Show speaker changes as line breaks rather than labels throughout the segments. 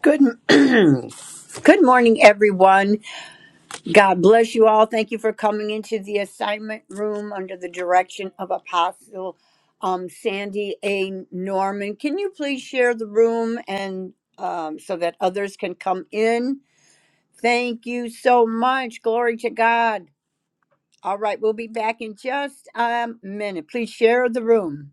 Good, good morning, everyone. God bless you all. Thank you for coming into the assignment room under the direction of Apostle um, Sandy A. Norman. Can you please share the room and um, so that others can come in? Thank you so much. Glory to God. All right, we'll be back in just a minute. Please share the room.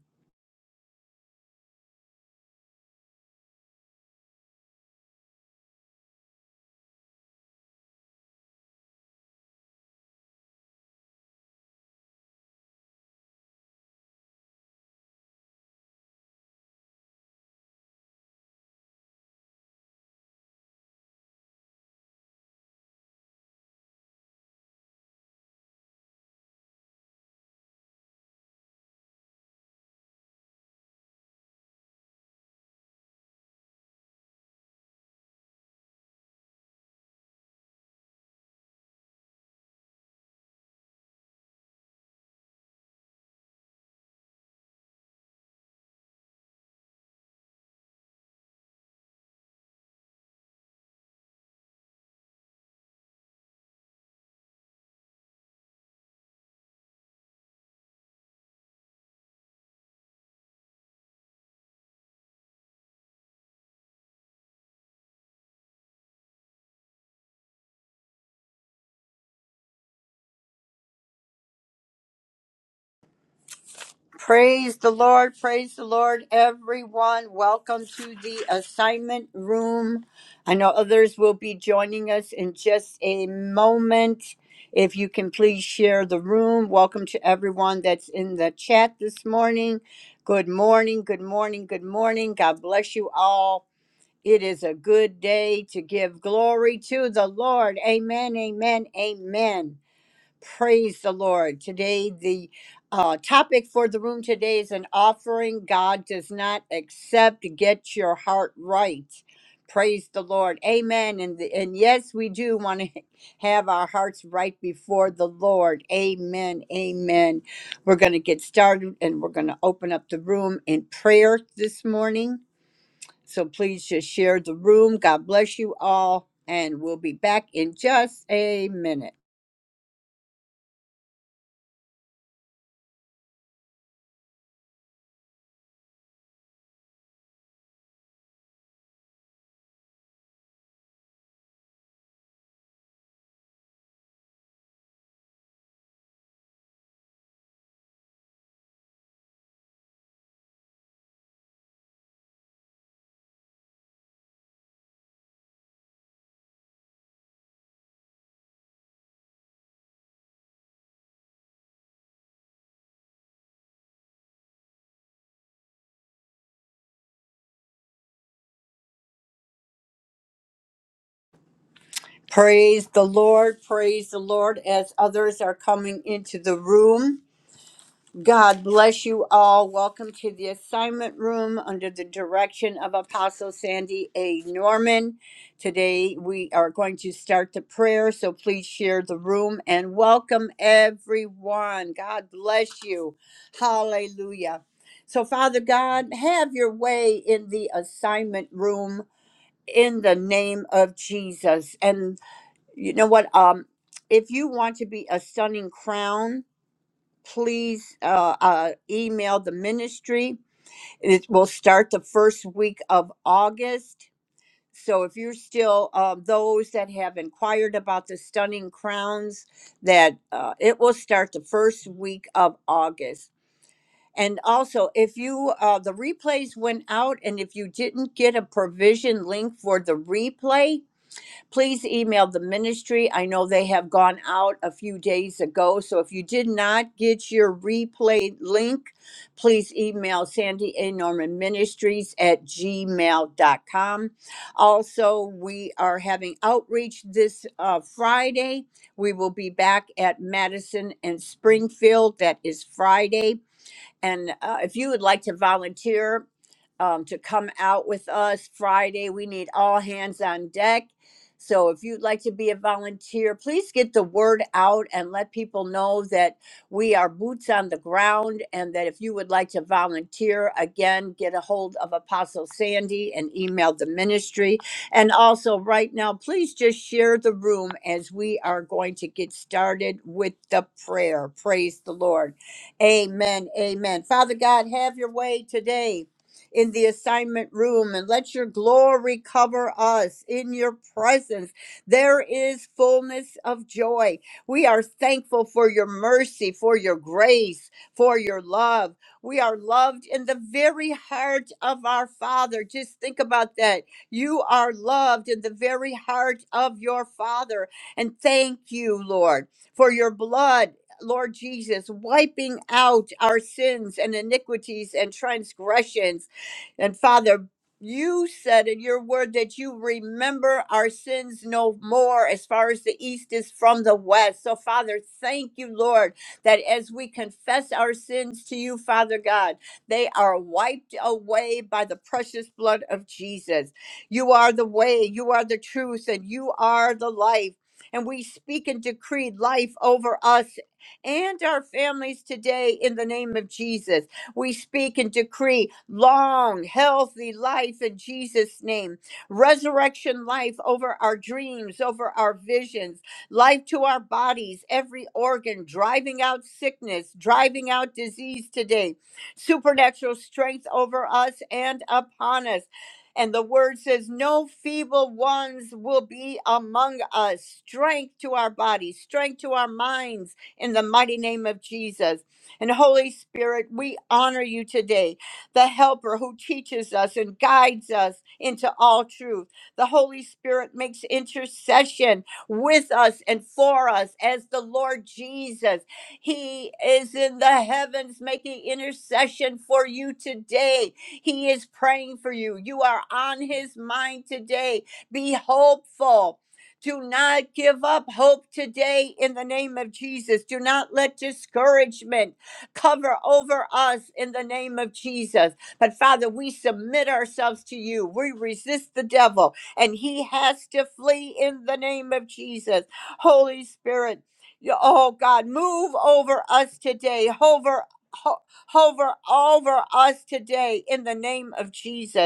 Praise the Lord, praise the Lord, everyone. Welcome to the assignment room. I know others will be joining us in just a moment. If you can please share the room. Welcome to everyone that's in the chat this morning. Good morning, good morning, good morning. God bless you all. It is a good day to give glory to the Lord. Amen, amen, amen. Praise the Lord. Today, the uh, topic for the room today is an offering God does not accept. Get your heart right. Praise the Lord. Amen. And, and yes, we do want to have our hearts right before the Lord. Amen. Amen. We're going to get started and we're going to open up the room in prayer this morning. So please just share the room. God bless you all. And we'll be back in just a minute. Praise the Lord. Praise the Lord as others are coming into the room. God bless you all. Welcome to the assignment room under the direction of Apostle Sandy A. Norman. Today we are going to start the prayer, so please share the room and welcome everyone. God bless you. Hallelujah. So, Father God, have your way in the assignment room in the name of Jesus. and you know what um if you want to be a stunning crown please uh, uh email the ministry it will start the first week of august so if you're still uh, those that have inquired about the stunning crowns that uh, it will start the first week of august and also if you uh, the replays went out and if you didn't get a provision link for the replay Please email the ministry. I know they have gone out a few days ago. So if you did not get your replay link, please email Sandy A. Norman Ministries at gmail.com. Also, we are having outreach this uh, Friday. We will be back at Madison and Springfield. That is Friday. And uh, if you would like to volunteer um, to come out with us Friday, we need all hands on deck. So if you'd like to be a volunteer, please get the word out and let people know that we are boots on the ground and that if you would like to volunteer, again, get a hold of Apostle Sandy and email the ministry. And also, right now, please just share the room as we are going to get started with the prayer. Praise the Lord. Amen. Amen. Father God, have your way today in the assignment room and let your glory cover us in your presence. There is fullness of joy. We are thankful for your mercy, for your grace, for your love. We are loved in the very heart of our Father. Just think about that. You are loved in the very heart of your Father. And thank you, Lord, for your blood Lord Jesus, wiping out our sins and iniquities and transgressions. And Father, you said in your word that you remember our sins no more as far as the east is from the west. So, Father, thank you, Lord, that as we confess our sins to you, Father God, they are wiped away by the precious blood of Jesus. You are the way, you are the truth, and you are the life and we speak and decree life over us and our families today in the name of Jesus. We speak and decree long, healthy life in Jesus' name, resurrection life over our dreams, over our visions, life to our bodies, every organ, driving out sickness, driving out disease today, supernatural strength over us and upon us. And the word says, No feeble ones will be among us. Strength to our bodies, strength to our minds, in the mighty name of Jesus. And Holy Spirit, we honor you today, the helper who teaches us and guides us into all truth. The Holy Spirit makes intercession with us and for us as the Lord Jesus. He is in the heavens making intercession for you today. He is praying for you. You are on his mind today. Be hopeful do not give up hope today in the name of Jesus. Do not let discouragement cover over us in the name of Jesus. But Father, we submit ourselves to you. We resist the devil, and he has to flee in the name of Jesus. Holy Spirit, you- oh God, move over us today. Hover, ho- hover over us today in the name of Jesus.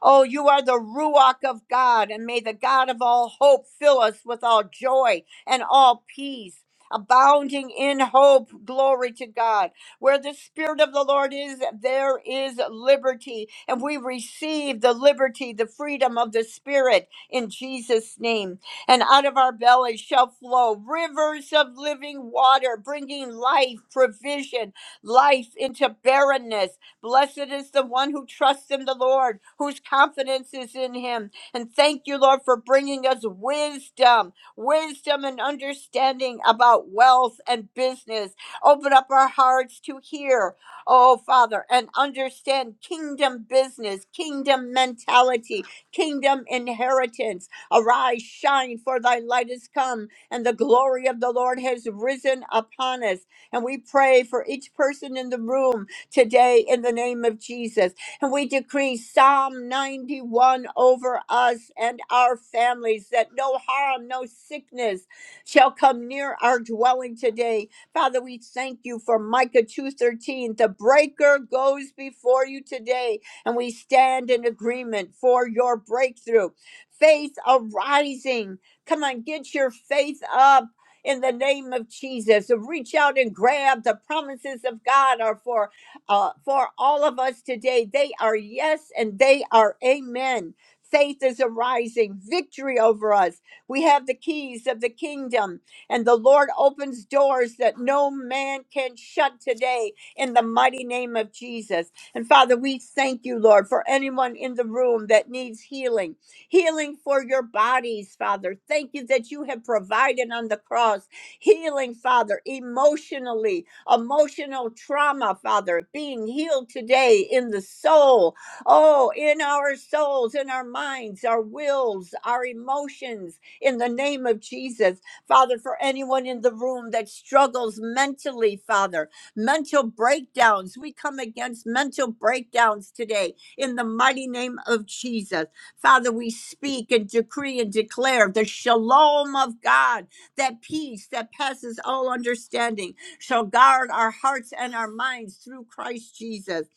Oh, you are the Ruach of God, and may the God of all hope fill us with all joy and all peace. Abounding in hope, glory to God. Where the Spirit of the Lord is, there is liberty. And we receive the liberty, the freedom of the Spirit in Jesus' name. And out of our bellies shall flow rivers of living water, bringing life, provision, life into barrenness Blessed is the one who trusts in the Lord, whose confidence is in him. And thank you, Lord, for bringing us wisdom, wisdom and understanding about wealth and business. Open up our hearts to hear, oh Father, and understand kingdom business, kingdom mentality, kingdom inheritance. Arise, shine, for thy light is come, and the glory of the Lord has risen upon us. And we pray for each person in the room today in the name of Jesus. And we decree Psalm 91 over us and our families that no harm, no sickness shall come near our dwelling today. Father, we thank you for Micah 2:13. The breaker goes before you today, and we stand in agreement for your breakthrough. Faith arising. Come on, get your faith up. In the name of Jesus, reach out and grab the promises of God are for uh, for all of us today. They are yes and they are amen. Faith is arising, victory over us. We have the keys of the kingdom, and the Lord opens doors that no man can shut today in the mighty name of Jesus. And Father, we thank you, Lord, for anyone in the room that needs healing, healing for your bodies, Father. Thank you that you have provided on the cross healing, Father, emotionally, emotional trauma, Father, being healed today in the soul. Oh, in our souls, in our minds, our wills, our emotions, in the name of Jesus. Father, for anyone in the room that struggles mentally, Father, mental breakdowns, we come against mental breakdowns today in the mighty name of Jesus. Father, we speak and decree and declare the shalom of God, that peace that passes all understanding shall guard our hearts and our minds through Christ Jesus.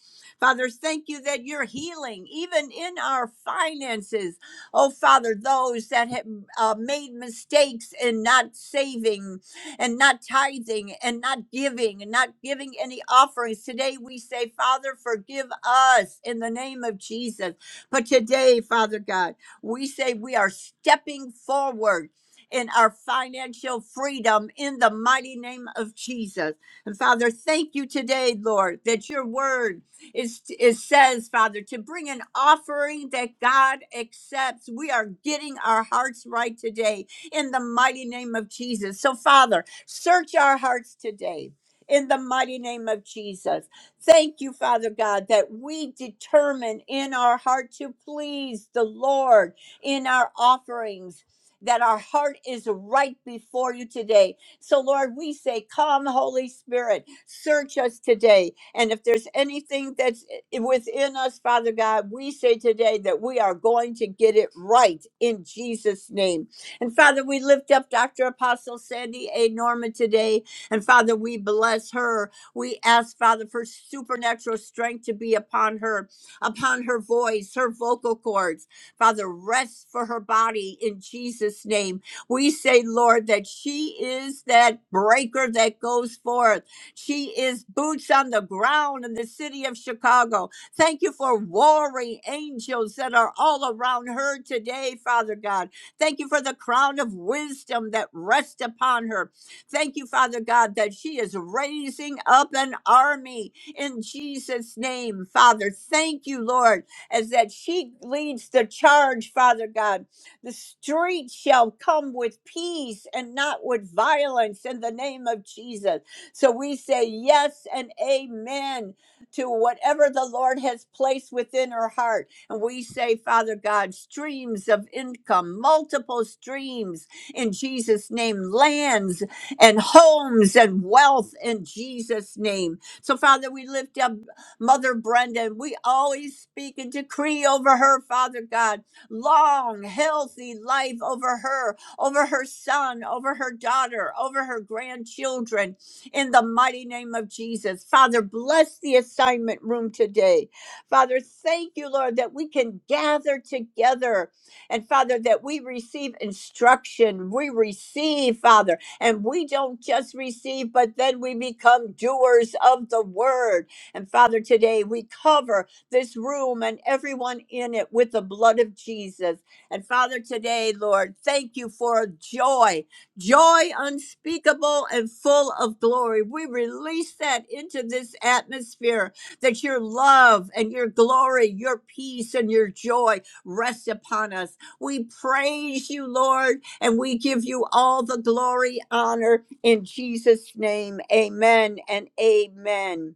Father, thank you that you're healing even in our finances. Oh, Father, those that have uh, made mistakes in not saving and not tithing and not giving and not giving any offerings. Today we say, Father, forgive us in the name of Jesus. But today, Father God, we say we are stepping forward and our financial freedom in the mighty name of Jesus. And Father, thank you today, Lord, that your word is it says, Father, to bring an offering that God accepts. We are getting our hearts right today in the mighty name of Jesus. So, Father, search our hearts today. In the mighty name of Jesus. Thank you, Father God, that we determine in our heart to please the Lord in our offerings that our heart is right before you today. So, Lord, we say, Come, Holy Spirit, search us today. And if there's anything that's i- within us, Father God, we say today that we are going to get it right in Jesus' name. And Father, we lift up Dr. Apostle Sandy A. Norman today. And Father, we bless her. We ask, Father, for supernatural strength to be upon her, upon her voice, her vocal cords. Father, rest for her body in Jesus' name. We say, Lord, that she is that breaker that goes forth. She is boots on the ground in the city of Chicago. Thank you for warring angels that are all around her today, Father God. Thank you for the crown of wisdom that rests upon her. Thank you, Father God, that she is raising up an army in Jesus' name, Father. Thank you, Lord as that she leads the charge, Father God. The street shall come with peace and not with violence in the name of Jesus. So we say yes and amen to whatever the Lord has placed within her heart. And we say, Father God, streams of income, multiple streams in Jesus' name, lands and homes and wealth in Jesus' name. So, Father, we lift up. Mother Brenda. We always speak and decree over her, Father God, long, healthy life over her, over her son, over her daughter, over her grandchildren, in the mighty name of Jesus. Father, bless the assignment room today. Father, thank you, Lord, that we can gather together and Father, that we receive instruction. We receive, Father, and we don't just receive, but then we become doers of the word. And Father, today we cover this room and everyone in it with the blood of Jesus. And Father, today, Lord, thank you for joy, joy unspeakable and full of glory. We release that into this atmosphere that your love and your glory, your peace and your joy rest upon us. We praise you, Lord, and we give you all the glory, honor in Jesus' name. Amen and amen.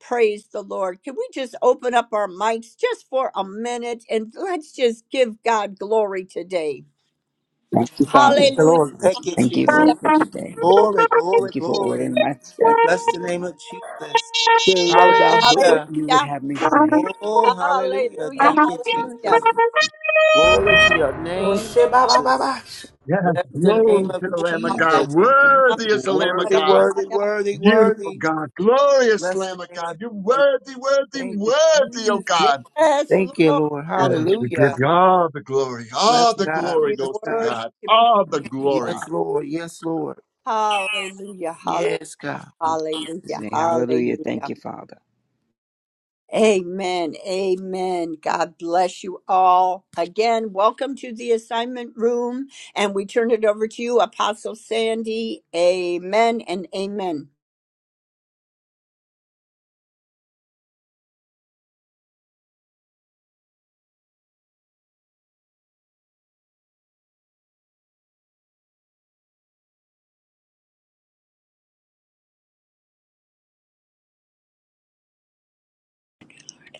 Praise the Lord. Can we just open up our mics just for a minute and let's just give God glory today?
Thank you, Father.
The
Hallelujah.
Lord, thank you,
Thank you,
Yes,
Jesus.
Lord, for today.
Glory, glory,
Thank you for
glory.
ordering my
We
step.
bless the name of Jesus.
So about who-
Hallelujah.
what
Hallelujah.
you would have me say.
Oh, hallelujah.
About
Hallelujah.
Thank
you.
you,
thank
Hallelujah.
Jesus.
you. Thank
Glory
you,
to
Father,
your name,
Oshe ba ba ba
Jesus.
ba.
Bless
in the
the
name
name
glory
of
of
to the
Jesus.
Lamb of
And I
Jesus.
God.
just thank you and I praise
Worthy is the
you, Lord.
Lamb of
Worthy,
God.
worthy,
Hallelujah.
worthy,
Beautiful
worthy.
God. Glorious
Bless the
Lamb of
name
God.
of
You're
Jesus.
worthy, worthy,
Thank you,
worthy, oh
Jesus.
God.
Yes,
Thank you,
Lord.
Lord.
Hallelujah.
Yes, we give
Hallelujah.
you all the glory.
Bless
All the
Thank you,
God.
glory
We
Jesus.
Bless
goes to
God.
God.
worship you.
All the
Thank you,
glory.
Yes,
Father.
Lord. Yes, Lord.
Hallelujah. Hallelujah.
Yes, God.
Um,
Hallelujah.
Say hallelujah. Thank
Hallelujah.
you, Father.
Amen. Amen. God bless you all. Again, welcome to the assignment room. And we turn it over to you, Apostle Sandy. Amen and amen.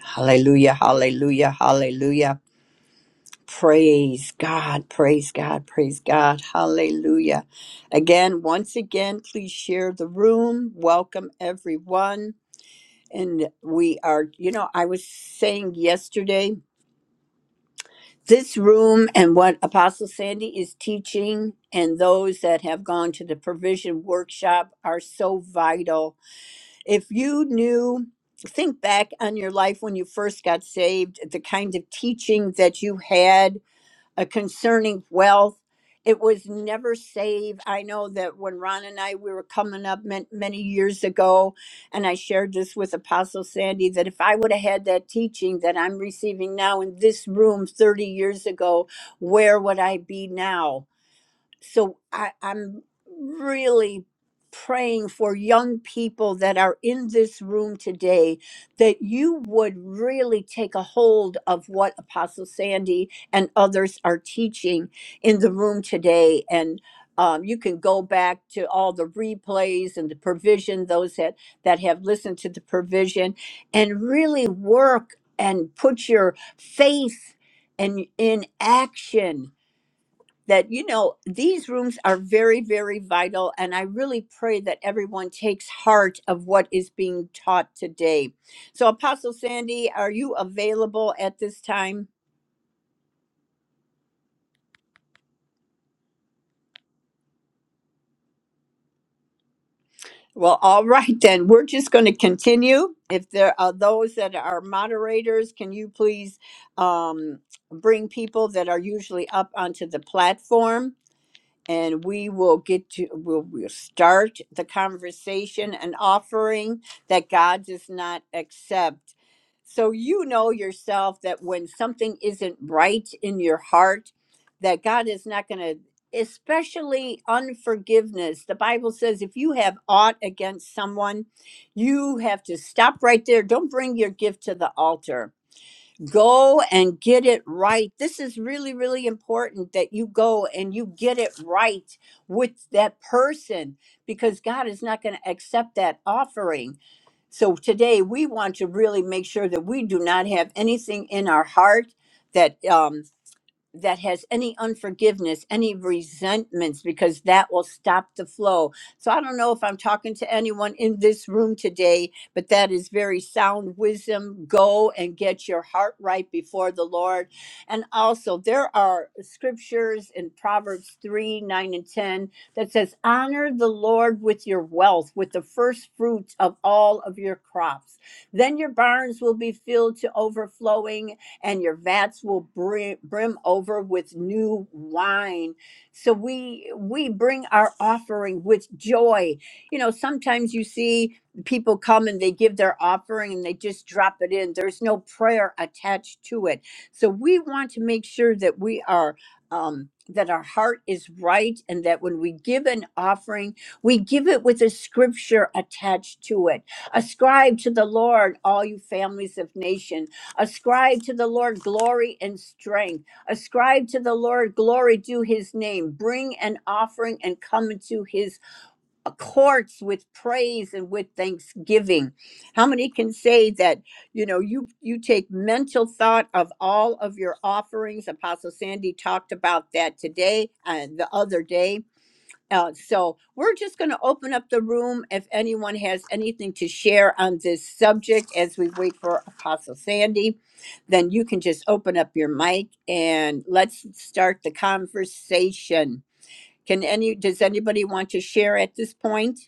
Hallelujah. Hallelujah. Hallelujah. Praise God. Praise God. Praise God. Hallelujah. Again, once again, please share the room. Welcome everyone. And we are, you know, I was saying yesterday, this room and what Apostle Sandy is teaching, and those that have gone to the provision workshop are so vital. If you knew, think back on your life when you first got saved, the kind of teaching that you had uh, concerning wealth. It was never save. I know that when Ron and I we were coming up man- many years ago, and I shared this with Apostle Sandy that if I would have had that teaching that I'm receiving now in this room 30 years ago, where would I be now? so I, I'm really praying for young people that are in this room today that you would really take a hold of what Apostle Sandy and others are teaching in the room today. And um, you can go back to all the replays and the provision, those that, that have listened to the provision, and really work and put your faith and in action that you know these rooms are very very vital and i really pray that everyone takes heart of what is being taught today so apostle sandy are you available at this time well all right then we're just going to continue if there are those that are moderators can you please um, bring people that are usually up onto the platform and we will get to we'll, we'll start the conversation An offering that god does not accept so you know yourself that when something isn't right in your heart that god is not going to especially unforgiveness the bible says if you have aught against someone you have to stop right there don't bring your gift to the altar go and get it right. This is really, really important that you go and you get it right with that person because God is not going to accept that offering. So today we want to really make sure that we do not have anything in our heart that um, that has any unforgiveness, any resentments, because that will stop the flow. So I don't know if I'm talking to anyone in this room today, but that is very sound wisdom. Go and get your heart right before the Lord. And also, there are scriptures in Proverbs 3 9 and 10 that says, Honor the Lord with your wealth, with the first fruits of all of your crops. Then your barns will be filled to overflowing and your vats will brim, brim over with new wine. So we we bring our offering with joy. You know, sometimes you see people come and they give their offering and they just drop it in. There's no prayer attached to it. So we want to make sure that we are um that our heart is right and that when we give an offering, we give it with a scripture attached to it. Ascribe to the Lord all you families of nation Ascribe to the Lord glory and strength. Ascribe to the Lord glory, do his name. Bring an offering and come into his courts with praise and with thanksgiving. How many can say that, you know, you you take mental thought of all of your offerings. Apostle Sandy talked about that today and the other day uh, so we're just going to open up the room if anyone has anything to share on this subject as we wait for Apostle Sandy. Then you can just open up your mic and let's start the conversation. Can any does anybody want to share at this point?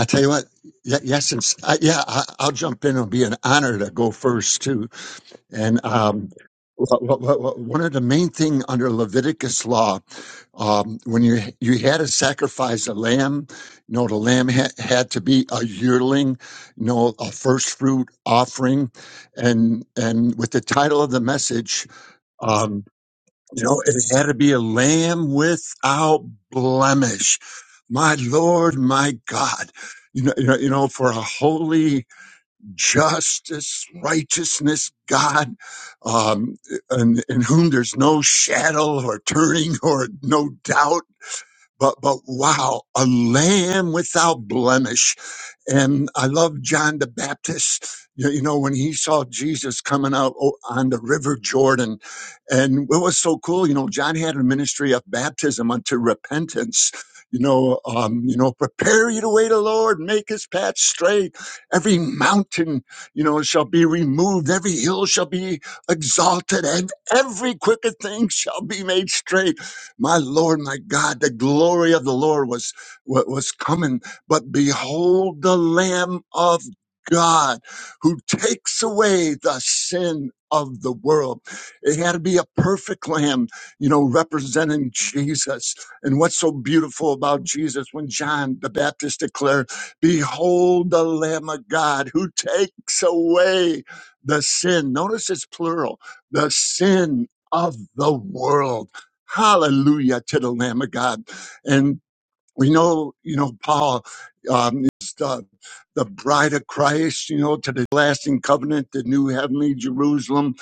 I tell you what, y- yes, it's, I, yeah, I, I'll jump in. It'll be an honor to go first, too. And um, wha- wha- wha- wha- one of the main thing under Leviticus law, um, when you you had to sacrifice a lamb, you know the lamb ha- had to be a yearling, you know a first fruit offering, and and with the title of the message, um, you know it had to be a lamb without blemish. My Lord, my God, you know you know, you know for a holy justice, righteousness, God, um, in, in whom there's no shadow or turning or no doubt but but wow, a lamb without blemish. And I love John the Baptist. You, you know, when he saw Jesus coming out o- on the River Jordan, and what was so cool, you know, John had a ministry of baptism unto repentance. You know, um, you know, prepare you the way of the Lord, make his path straight. Every mountain, you know, shall be removed, every hill shall be exalted, and every crooked thing shall be made straight my Lord, my God, the glory of the Lord was what was coming. But behold the Lamb of God who takes away the sin of the world. It had to be a perfect lamb, you know, representing Jesus. And what's so beautiful about Jesus when John the Baptist declared, Behold the Lamb of God who takes away the sin. Notice it's plural, the sin of the world. Hallelujah to the Lamb of God. And we know, you know, Paul um, is the, the bride of Christ, you know, to the lasting covenant, the new heavenly Jerusalem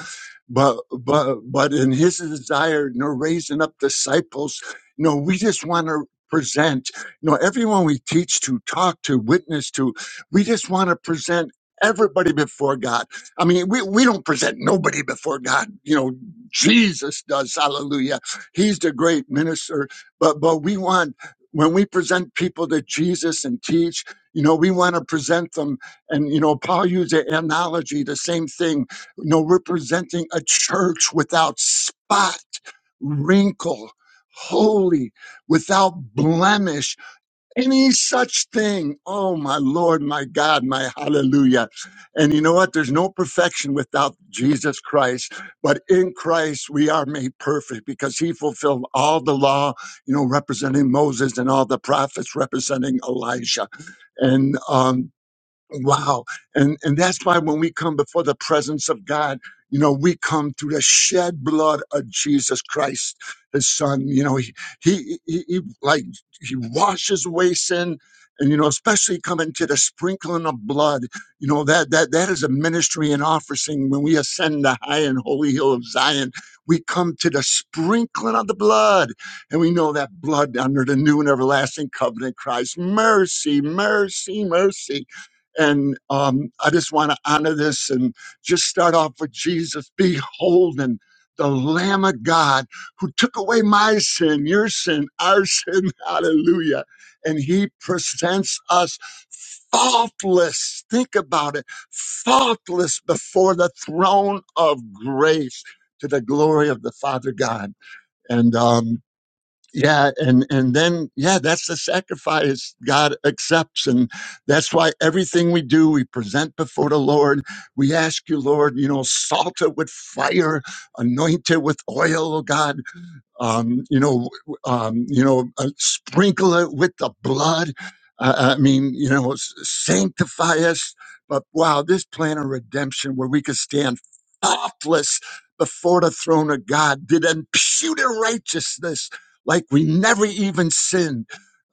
but but but in his desire you know raising up disciples you know we just want to present you know everyone we teach to talk to witness to we just want to present everybody before god i mean we, we don't present nobody before god you know jesus does hallelujah he's the great minister but but we want when we present people to jesus and teach you know we want to present them and you know paul used the analogy the same thing you know, representing a church without spot, wrinkle, holy, without blemish, any such thing. Oh, my Lord, my God, my hallelujah. And you know what? There's no perfection without Jesus Christ, but in Christ we are made perfect because he fulfilled all the law, you know, representing Moses and all the prophets representing Elijah. And um, Wow. And and that's why when we come before the presence of God, you know, we come through the shed blood of Jesus Christ, his son. You know, he he he, he like he washes away sin. And you know, especially coming to the sprinkling of blood, you know, that that that is a ministry and offering when we ascend the high and holy hill of Zion. We come to the sprinkling of the blood, and we know that blood under the new and everlasting covenant cries, mercy, mercy, mercy. And um, I just want to honor this and just start off with Jesus. Behold, and the Lamb of God who took away my sin, your sin, our sin. Hallelujah. And he presents us faultless. Think about it faultless before the throne of grace to the glory of the Father God. And um, yeah and and then yeah that's the sacrifice god accepts and that's why everything we do we present before the lord we ask you lord you know salt it with fire anoint it with oil oh god um, you know, um, you know, uh, sprinkle it with the blood. Uh, I mean, you know, s- sanctify us. But wow, this plan of redemption where we could stand faultless before the throne of God, did imputed righteousness like we never even sinned.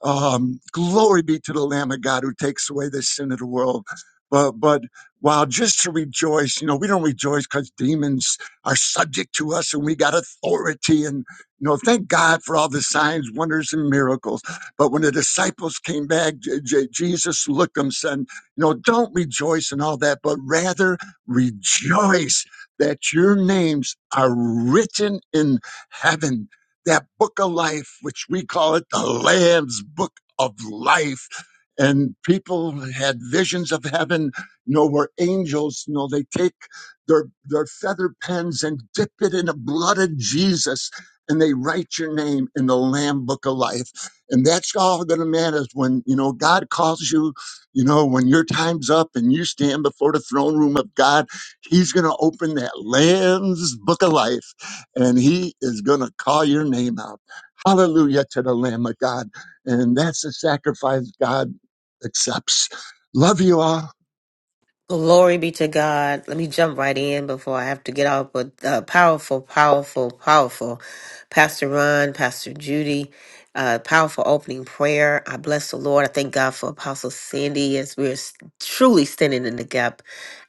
Um, glory be to the Lamb of God who takes away the sin of the world. But but wow, just to rejoice, you know, we don't rejoice because demons are subject to us and we got authority and. You know, thank God for all the signs, wonders, and miracles. But when the disciples came back, J- J- Jesus looked them, and said, "You know, don't rejoice in all that, but rather rejoice that your names are written in heaven, that book of life, which we call it the Lamb's Book of Life." And people had visions of heaven, you know, where angels, you know, they take their their feather pens and dip it in the blood of Jesus and they write your name in the Lamb Book of Life. And that's all going to matter when, you know, God calls you, you know, when your time's up and you stand before the throne room of God, He's going to open that Lamb's Book of Life and He is going to call your name out. Hallelujah to the Lamb of God. And that's the sacrifice God accepts. Love you all.
Glory be to God. Let me jump right in before I have to get off. But uh, powerful, powerful, powerful. Pastor Ron, Pastor Judy, uh, powerful opening prayer. I bless the Lord. I thank God for Apostle Sandy as we're s- truly standing in the gap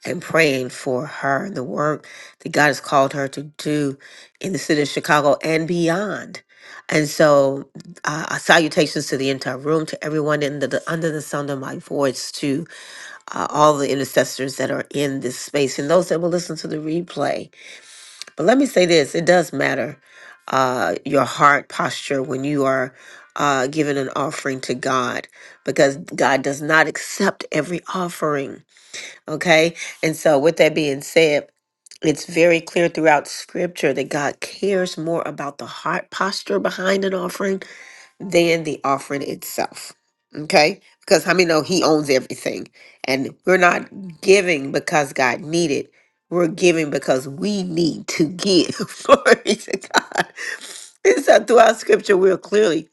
and praying for her and the work that God has called her to do in the city of Chicago and beyond. And so, uh, uh, salutations to the entire room, to everyone in the, the under the sound of my voice, too uh, all the intercessors that are in this space and those that will listen to the replay. But let me say this it does matter uh, your heart posture when you are uh, giving an offering to God because God does not accept every offering. Okay. And so, with that being said, it's very clear throughout scripture that God cares more about the heart posture behind an offering than the offering itself. Okay? Because how many know he owns everything? And we're not giving because God needed. We're giving because we need to give. Glory to God. And so throughout scripture, we'll clearly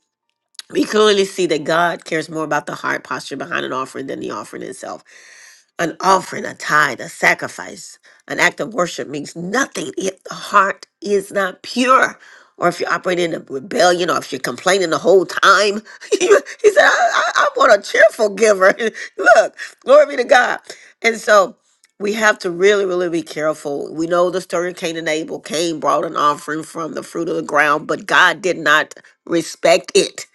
we clearly see that God cares more about the heart posture behind an offering than the offering itself. An offering, a tithe, a sacrifice, an act of worship means nothing if the heart is not pure. Or if you're operating in a rebellion, or if you're complaining the whole time, he said, I, I, I want a cheerful giver. Look, glory be to God. And so we have to really, really be careful. We know the story of Cain and Abel. Cain brought an offering from the fruit of the ground, but God did not respect it.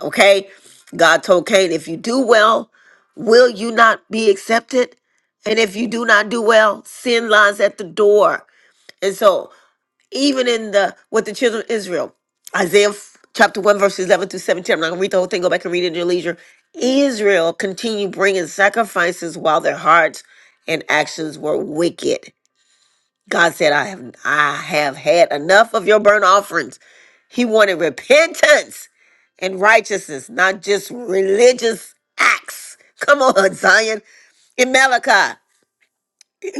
Okay? God told Cain, if you do well, Will you not be accepted? And if you do not do well, sin lies at the door. And so, even in the with the children of Israel, Isaiah f- chapter 1, verses 11 through 17, I'm not going to read the whole thing, go back and read it at your leisure. Israel continued bringing sacrifices while their hearts and actions were wicked. God said, I have, I have had enough of your burnt offerings. He wanted repentance and righteousness, not just religious acts. Come on, Zion. In Malachi,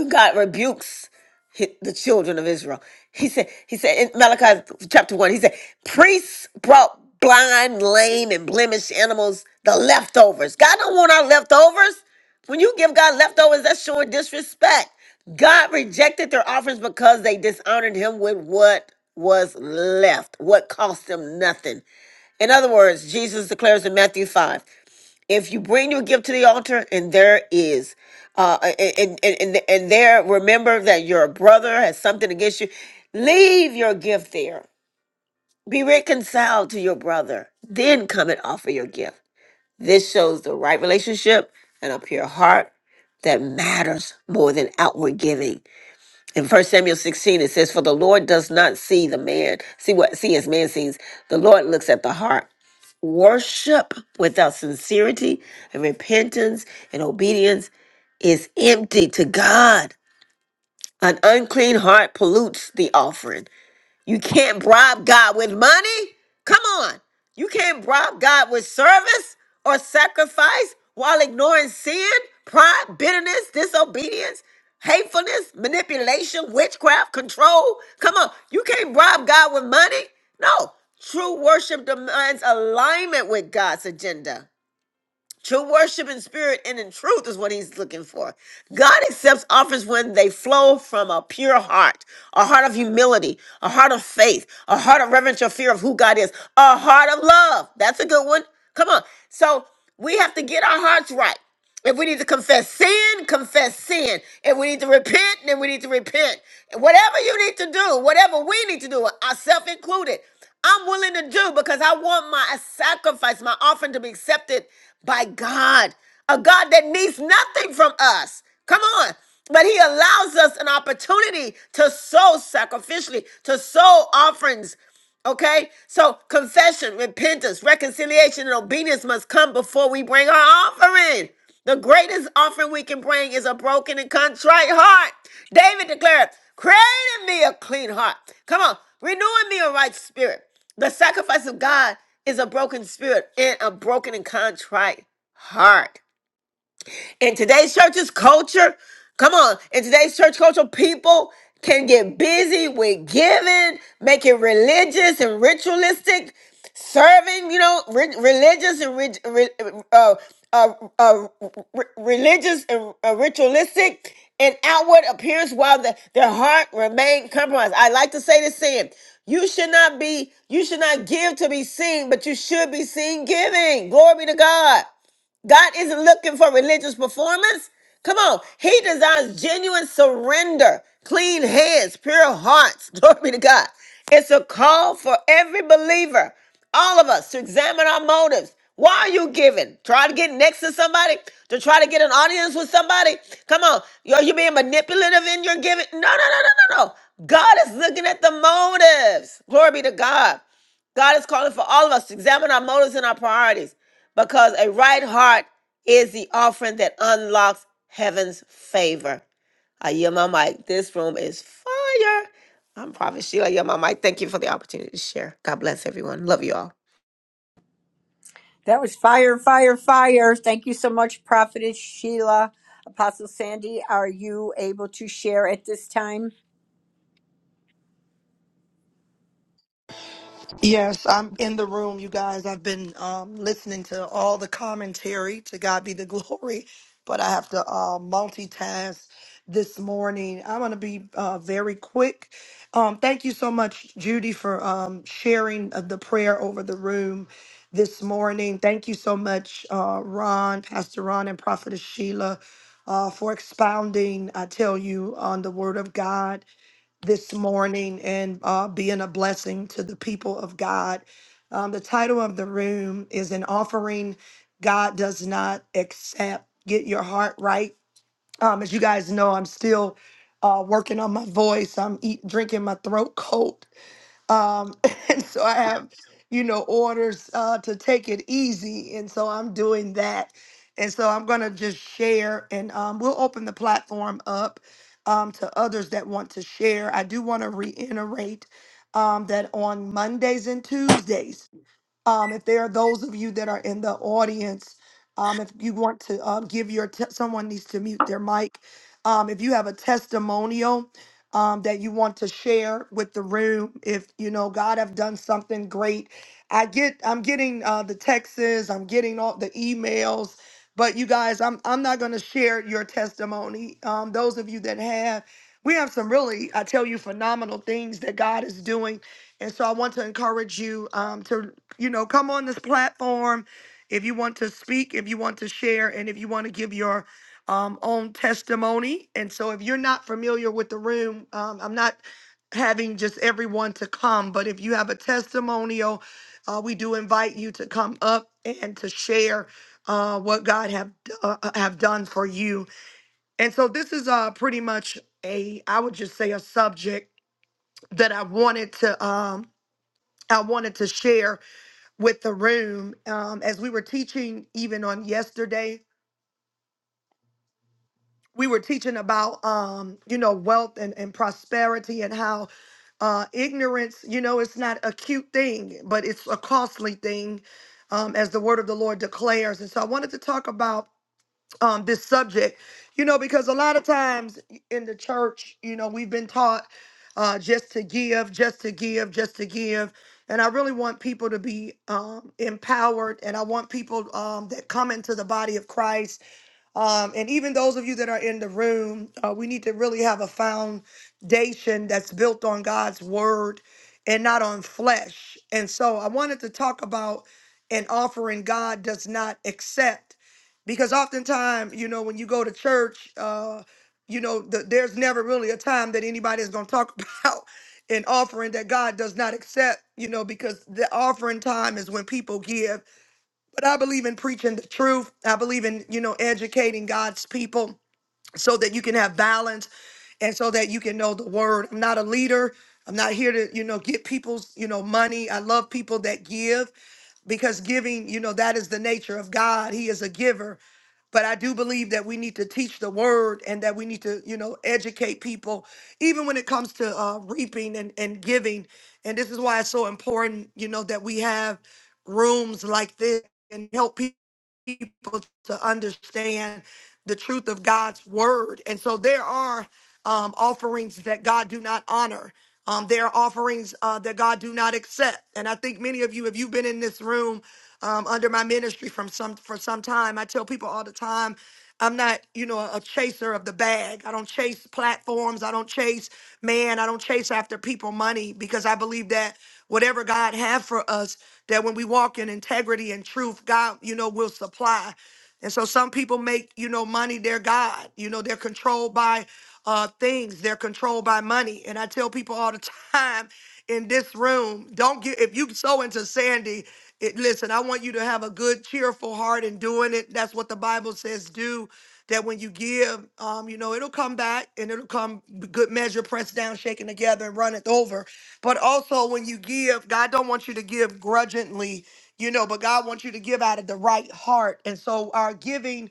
God rebukes hi- the children of Israel. He said, he said in Malachi chapter one, he said, priests brought blind, lame, and blemished animals, the leftovers. God don't want our leftovers. When you give God leftovers, that's showing disrespect. God rejected their offerings because they dishonored him with what was left, what cost them nothing. In other words, Jesus declares in Matthew 5 if you bring your gift to the altar and there is uh and and and, and there remember that your brother has something against you leave your gift there be reconciled to your brother then come and offer your gift this shows the right relationship and a pure heart that matters more than outward giving. In First Samuel 16, it says, For the Lord does not see the man, see what see as man sees. The Lord looks at the heart. Worship without sincerity and repentance and obedience is empty to God. An unclean heart pollutes the offering, you can't bribe God with money? Come on. You can't bribe God with service or sacrifice while ignoring sin, pride, bitterness, disobedience, hatefulness, manipulation, witchcraft, control. Come on. You can't bribe God with money? No. True worship demands alignment with God's agenda. True worship in spirit and in truth is what he's looking for. God accepts offers when they flow from a pure heart, a heart of humility, a heart of faith, a heart of reverential fear of who God is, a heart of love. That's a good one. Come on. So we have to get our hearts right. If we need to confess sin, confess sin. If we need to repent, then we need to repent. And whatever you need to do, whatever we need to do, ourselves included, I'm willing to do because I want my sacrifice, my offering to be accepted by God, a God that needs nothing from us. Come on. But he allows us an opportunity to sow sacrificially, to sow offerings Okay? So confession, repentance, reconciliation, and obedience must come before we bring our offering. The greatest offering we can bring is a broken and contrite heart. David declared, Create in me a clean heart. Come on, renew in me a right spirit. The sacrifice of God is a broken spirit and a broken and contrite heart in today's church's culture, come on, in today's church culture, people can get busy with giving, making religious and ritualistic, serving, you know, re- religious and ri- re- uh, uh, uh, re- religious and uh, ritualistic and outward appearance while the, their heart remain compromised. I like to say this saying, you should not be, you should not give to be seen, but you should be seen giving. Glory be to God. God isn't looking for religious performance. Come on. He desires genuine surrender, clean hands, pure hearts. Glory be to God. It's a call for every believer, all of us, to examine our motives. Why are you giving? Try to get next to somebody, to try to get an audience with somebody. Come on. Are you being manipulative in your giving? No, no, no, no, no, no. God is looking at the motives. Glory be to God. God is calling for all of us to examine our motives and our priorities because a right heart is the offering that unlocks heaven's favor. I yield my mic. This room is fire. I'm Prophet Sheila. I yield my mic. Thank you for the opportunity to share. God bless everyone. Love you all.
That was fire, fire, fire. Thank you so much, Prophetess Sheila. Apostle Sandy, are you able to share at this time?
Yes, I'm in the room, you guys. I've been um, listening to all the commentary. To God be the glory. But I have to uh, multitask this morning. I'm going to be uh, very quick. Um, thank you so much, Judy, for um, sharing of the prayer over the room this morning. Thank you so much, uh, Ron, Pastor Ron, and Prophetess Sheila, uh, for expounding, I tell you, on the Word of God this morning and uh, being a blessing to the people of God. Um, the title of the room is An Offering God Does Not Accept. Get Your Heart Right. Um, as you guys know, I'm still uh, working on my voice, I'm eat, drinking my throat coat. Um, and so I have, you know, orders uh, to take it easy. And so I'm doing that. And so I'm going to just share and um, we'll open the platform up um, to others that want to share. I do want to reiterate um, that on Mondays and Tuesdays, um, if there are those of you that are in the audience, um, if you want to um, give your te- someone needs to mute their mic. Um, if you have a testimonial um, that you want to share with the room, if you know God have done something great, I get I'm getting uh, the texts, I'm getting all the emails, but you guys, I'm I'm not going to share your testimony. Um, those of you that have, we have some really I tell you phenomenal things that God is doing. And so I want to encourage you um, to you know, come on this platform if you want to speak, if you want to share, and if you want to give your um, own testimony. And so, if you're not familiar with the room, um, I'm not having just everyone to come, but if you have a testimonial, uh, we do invite you to come up and to share uh, what God have uh, uh, have done for you. And so, this is uh, pretty much a I would just say a subject that I wanted to um, I wanted to share with the room um, as we were teaching even on yesterday we were teaching about um, you know wealth and, and prosperity and how uh, ignorance you know it's not a cute thing but it's a costly thing um, as the word of the lord declares and so i wanted to talk about um this subject you know because a lot of times in the church you know we've been taught uh just to give just to give just to give and i really want people to be um empowered and i want people um that come into the body of christ um, and even those of you that are in the room, uh, we need to really have a foundation that's built on God's word and not on flesh. And so I wanted to talk about an offering God does not accept. Because oftentimes, you know, when you go to church, uh, you know, th- there's never really a time that anybody is going to talk about an offering that God does not accept, you know, because the offering time is when people give. But I believe in preaching the truth. I believe in, you know, educating God's people so that you can have balance and so that you can know the word. I'm not a leader. I'm not here to, you know, get people's, you know, money. I love people that give because giving, you know, that is the nature of God. He is a giver. But I do believe that we need to teach the word and that we need to, you know, educate people, even when it comes to uh, reaping and, and giving. And this is why it's so important, you know, that we have rooms like this and help pe- people to understand the truth of God's word. And so there are um, offerings that God do not honor. Um, there are offerings uh, that God do not accept, and I think many of you, if you've been in this room um, under my ministry from some for some time, I tell people all the time, I'm not, you know, a chaser of the bag. I don't chase platforms. I don't chase man. I don't chase after people money because I believe that whatever God have for us, that when we walk in integrity and truth, God, you know, will supply. And so some people make, you know, money their God. You know, they're controlled by uh, things, they're controlled by money. And I tell people all the time in this room, don't get, if you sow into Sandy, it, listen, I want you to have a good, cheerful heart in doing it. That's what the Bible says do. That when you give, um, you know, it'll come back and it'll come good measure, pressed down, shaken together, and runneth over. But also when you give, God don't want you to give grudgingly you know, but God wants you to give out of the right heart. And so our giving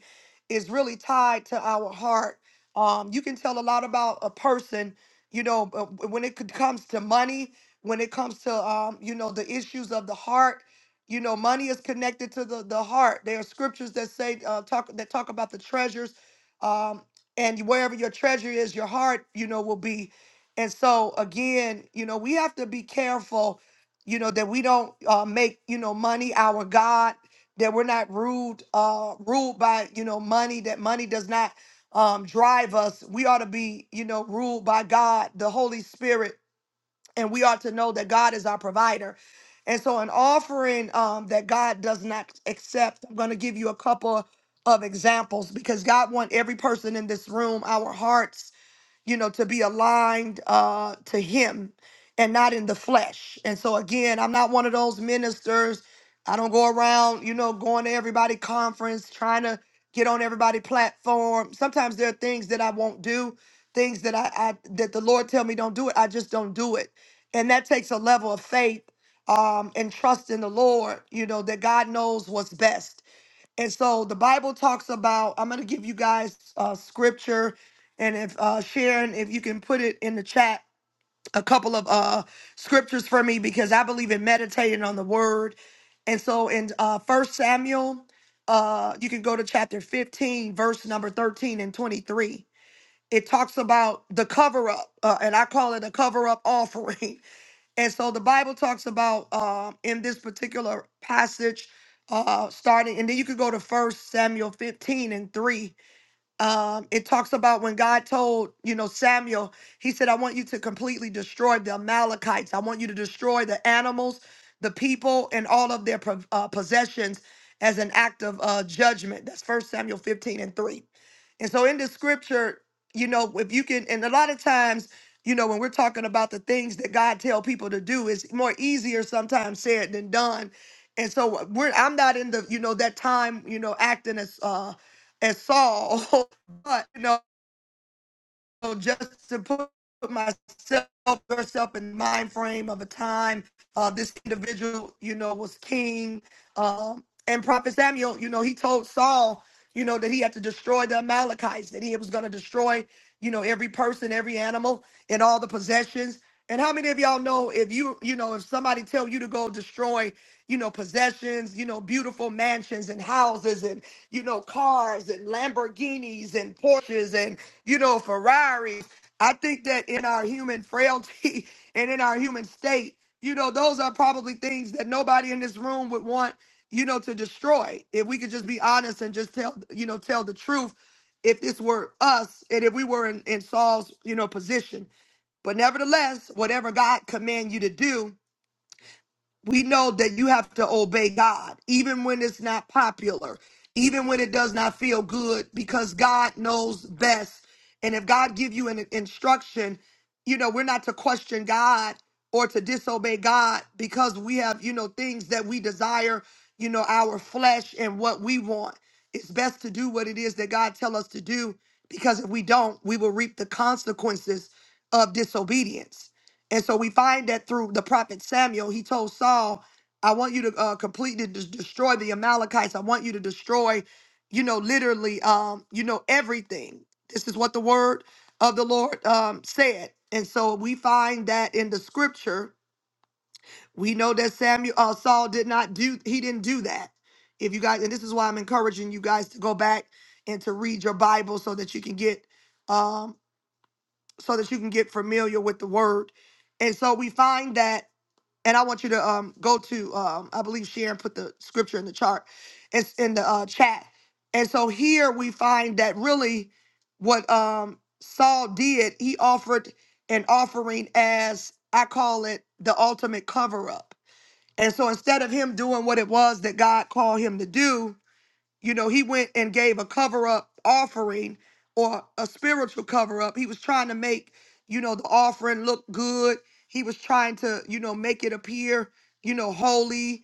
is really tied to our heart. Um, you can tell a lot about a person, you know, but when it could- comes to money, when it comes to, um, you know, the issues of the heart, you know, money is connected to the, the heart. There are scriptures that say, uh, talk, that talk about the treasures, um, and wherever your treasure is, your heart, you know, will be. And so again, you know, we have to be careful you know that we don't uh, make you know money our god that we're not ruled uh ruled by you know money that money does not um drive us we ought to be you know ruled by god the holy spirit and we ought to know that god is our provider and so an offering um that god does not accept i'm going to give you a couple of examples because god wants every person in this room our hearts you know, to be aligned uh, to Him and not in the flesh. And so, again, I'm not one of those ministers. I don't go around, you know, going to everybody conference, trying to get on everybody platform. Sometimes there are things that I won't do, things that I, I that the Lord tell me don't do it. I just don't do it, and that takes a level of faith um, and trust in the Lord. You know that God knows what's best. And so the Bible talks about, I'm going to give you guys uh, scripture. And if uh, Sharon, if you can put it in the chat, a couple of uh, scriptures for me, because I believe in meditating on the word. And so in uh, 1 Samuel, uh, you can go to chapter 15, verse number 13 and 23. It talks about the cover up, uh, and I call it a cover up offering. And so the Bible talks about uh, in this particular passage, uh, starting, and then you could go to First Samuel 15 and 3 um, it talks about when God told, you know, Samuel, he said, I want you to completely destroy the Amalekites. I want you to destroy the animals, the people, and all of their pro- uh, possessions as an act of uh, judgment. That's First Samuel 15 and 3. And so in the scripture, you know, if you can, and a lot of times, you know, when we're talking about the things that God tell people to do, it's more easier sometimes said than done. And so we're I'm not in the, you know, that time, you know, acting as uh and Saul. but you know. So just to put myself, yourself in the mind frame of a time, uh, this individual, you know, was king. Um, and Prophet Samuel, you know, he told Saul, you know, that he had to destroy the Amalekites, that he was going to destroy, you know, every person, every animal, and all the possessions. And how many of y'all know if you, you know, if somebody tell you to go destroy, you know, possessions, you know, beautiful mansions and houses and, you know, cars and Lamborghinis and Porsches and you know, Ferrari. I think that in our human frailty and in our human state, you know, those are probably things that nobody in this room would want, you know, to destroy. If we could just be honest and just tell, you know, tell the truth, if this were us and if we were in, in Saul's, you know, position. But nevertheless, whatever God command you to do, we know that you have to obey God, even when it's not popular, even when it does not feel good, because God knows best. And if God give you an instruction, you know, we're not to question God or to disobey God because we have, you know, things that we desire, you know, our flesh and what we want. It's best to do what it is that God tell us to do because if we don't, we will reap the consequences of disobedience. And so we find that through the prophet Samuel, he told Saul, I want you to uh, completely des- destroy the Amalekites. I want you to destroy, you know, literally, um, you know, everything. This is what the word of the Lord um, said. And so we find that in the scripture, we know that Samuel, uh, Saul did not do, he didn't do that. If you guys, and this is why I'm encouraging you guys to go back and to read your Bible so that you can get, um, so that you can get familiar with the word. And so we find that and I want you to um go to um I believe Sharon put the scripture in the chart, it's in the uh, chat. And so here we find that really what um Saul did, he offered an offering as I call it the ultimate cover up. And so instead of him doing what it was that God called him to do, you know, he went and gave a cover up offering or a spiritual cover up. He was trying to make, you know, the offering look good. He was trying to, you know, make it appear, you know, holy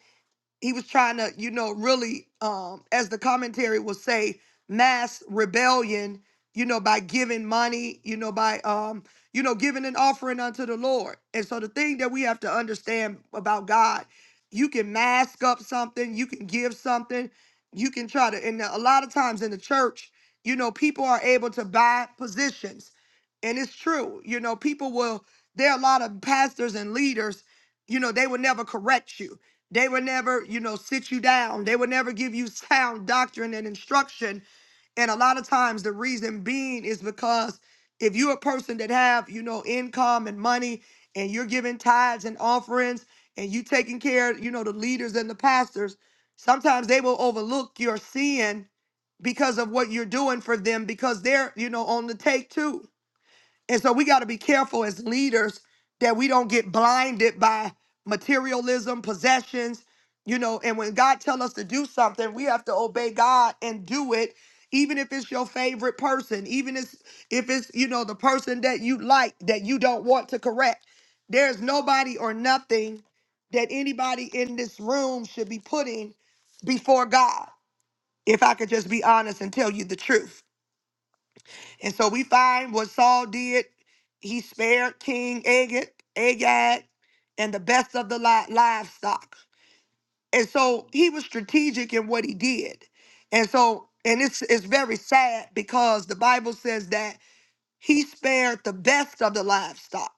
he was trying to, you know, really, um, as the commentary will say, mass rebellion, you know, by giving money, you know, by, um, you know, giving an offering unto the Lord. And so the thing that we have to understand about God, you can mask up something, you can give something, you can try to, and a lot of times in the church, you know, people are able to buy positions. And it's true, you know, people will, there are a lot of pastors and leaders, you know, they will never correct you they would never, you know, sit you down. They would never give you sound doctrine and instruction. And a lot of times the reason being is because if you're a person that have, you know, income and money and you're giving tithes and offerings and you taking care, of, you know, the leaders and the pastors, sometimes they will overlook your sin because of what you're doing for them because they're, you know, on the take too. And so we got to be careful as leaders that we don't get blinded by materialism, possessions, you know, and when God tell us to do something, we have to obey God and do it even if it's your favorite person, even if if it's, you know, the person that you like that you don't want to correct. There's nobody or nothing that anybody in this room should be putting before God. If I could just be honest and tell you the truth. And so we find what Saul did. He spared King Agag, Agag and the best of the li- livestock. And so he was strategic in what he did. And so, and it's, it's very sad because the Bible says that he spared the best of the livestock.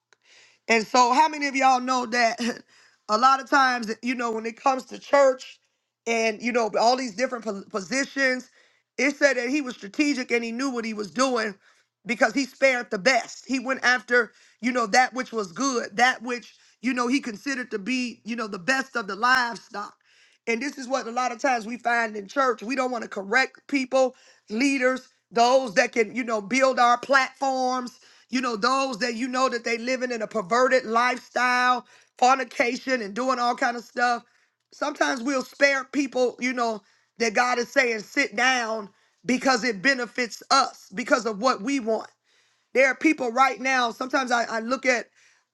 And so, how many of y'all know that a lot of times, you know, when it comes to church and, you know, all these different po- positions, it said that he was strategic and he knew what he was doing because he spared the best. He went after, you know, that which was good, that which, you know, he considered to be, you know, the best of the livestock. And this is what a lot of times we find in church. We don't want to correct people, leaders, those that can, you know, build our platforms, you know, those that you know that they living in a perverted lifestyle, fornication and doing all kind of stuff. Sometimes we'll spare people, you know, that God is saying sit down because it benefits us because of what we want. There are people right now. Sometimes I, I look at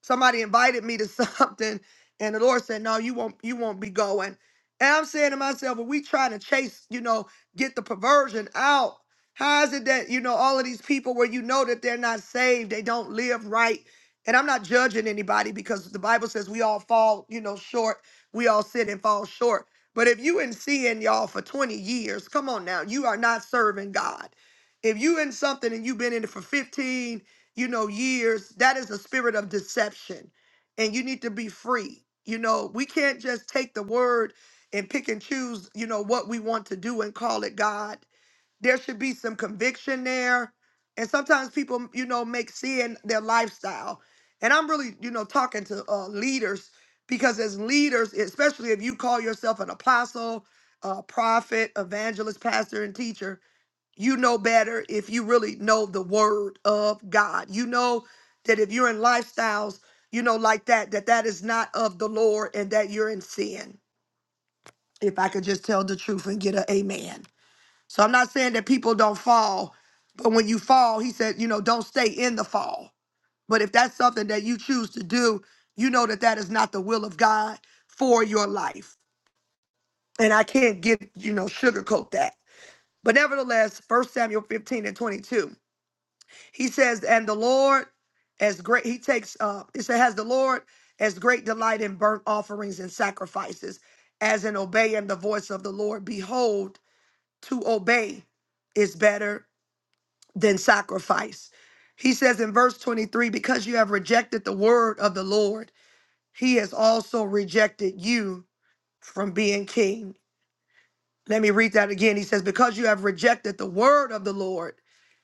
somebody invited me to something, and the Lord said, "No, you won't. You won't be going." And I'm saying to myself, "Are we trying to chase? You know, get the perversion out? How is it that you know all of these people where you know that they're not saved, they don't live right?" And I'm not judging anybody because the Bible says we all fall, you know, short. We all sin and fall short. But if you in sin, y'all, for 20 years, come on now, you are not serving God. If you in something and you've been in it for 15, you know, years, that is a spirit of deception. And you need to be free. You know, we can't just take the word and pick and choose, you know, what we want to do and call it God. There should be some conviction there. And sometimes people, you know, make sin their lifestyle. And I'm really, you know, talking to uh, leaders because as leaders, especially if you call yourself an apostle, a prophet, evangelist, pastor, and teacher, you know better if you really know the word of God. You know that if you're in lifestyles, you know, like that, that that is not of the Lord and that you're in sin. If I could just tell the truth and get a amen. So I'm not saying that people don't fall, but when you fall, he said, you know, don't stay in the fall. But if that's something that you choose to do, you know that that is not the will of God for your life. And I can't get, you know, sugarcoat that. But nevertheless, First Samuel 15 and 22. He says, and the Lord as great, he takes, uh, it says, has the Lord as great delight in burnt offerings and sacrifices as in obeying the voice of the Lord. Behold, to obey is better than sacrifice. He says in verse 23, because you have rejected the word of the Lord, he has also rejected you from being king. Let me read that again. He says, because you have rejected the word of the Lord,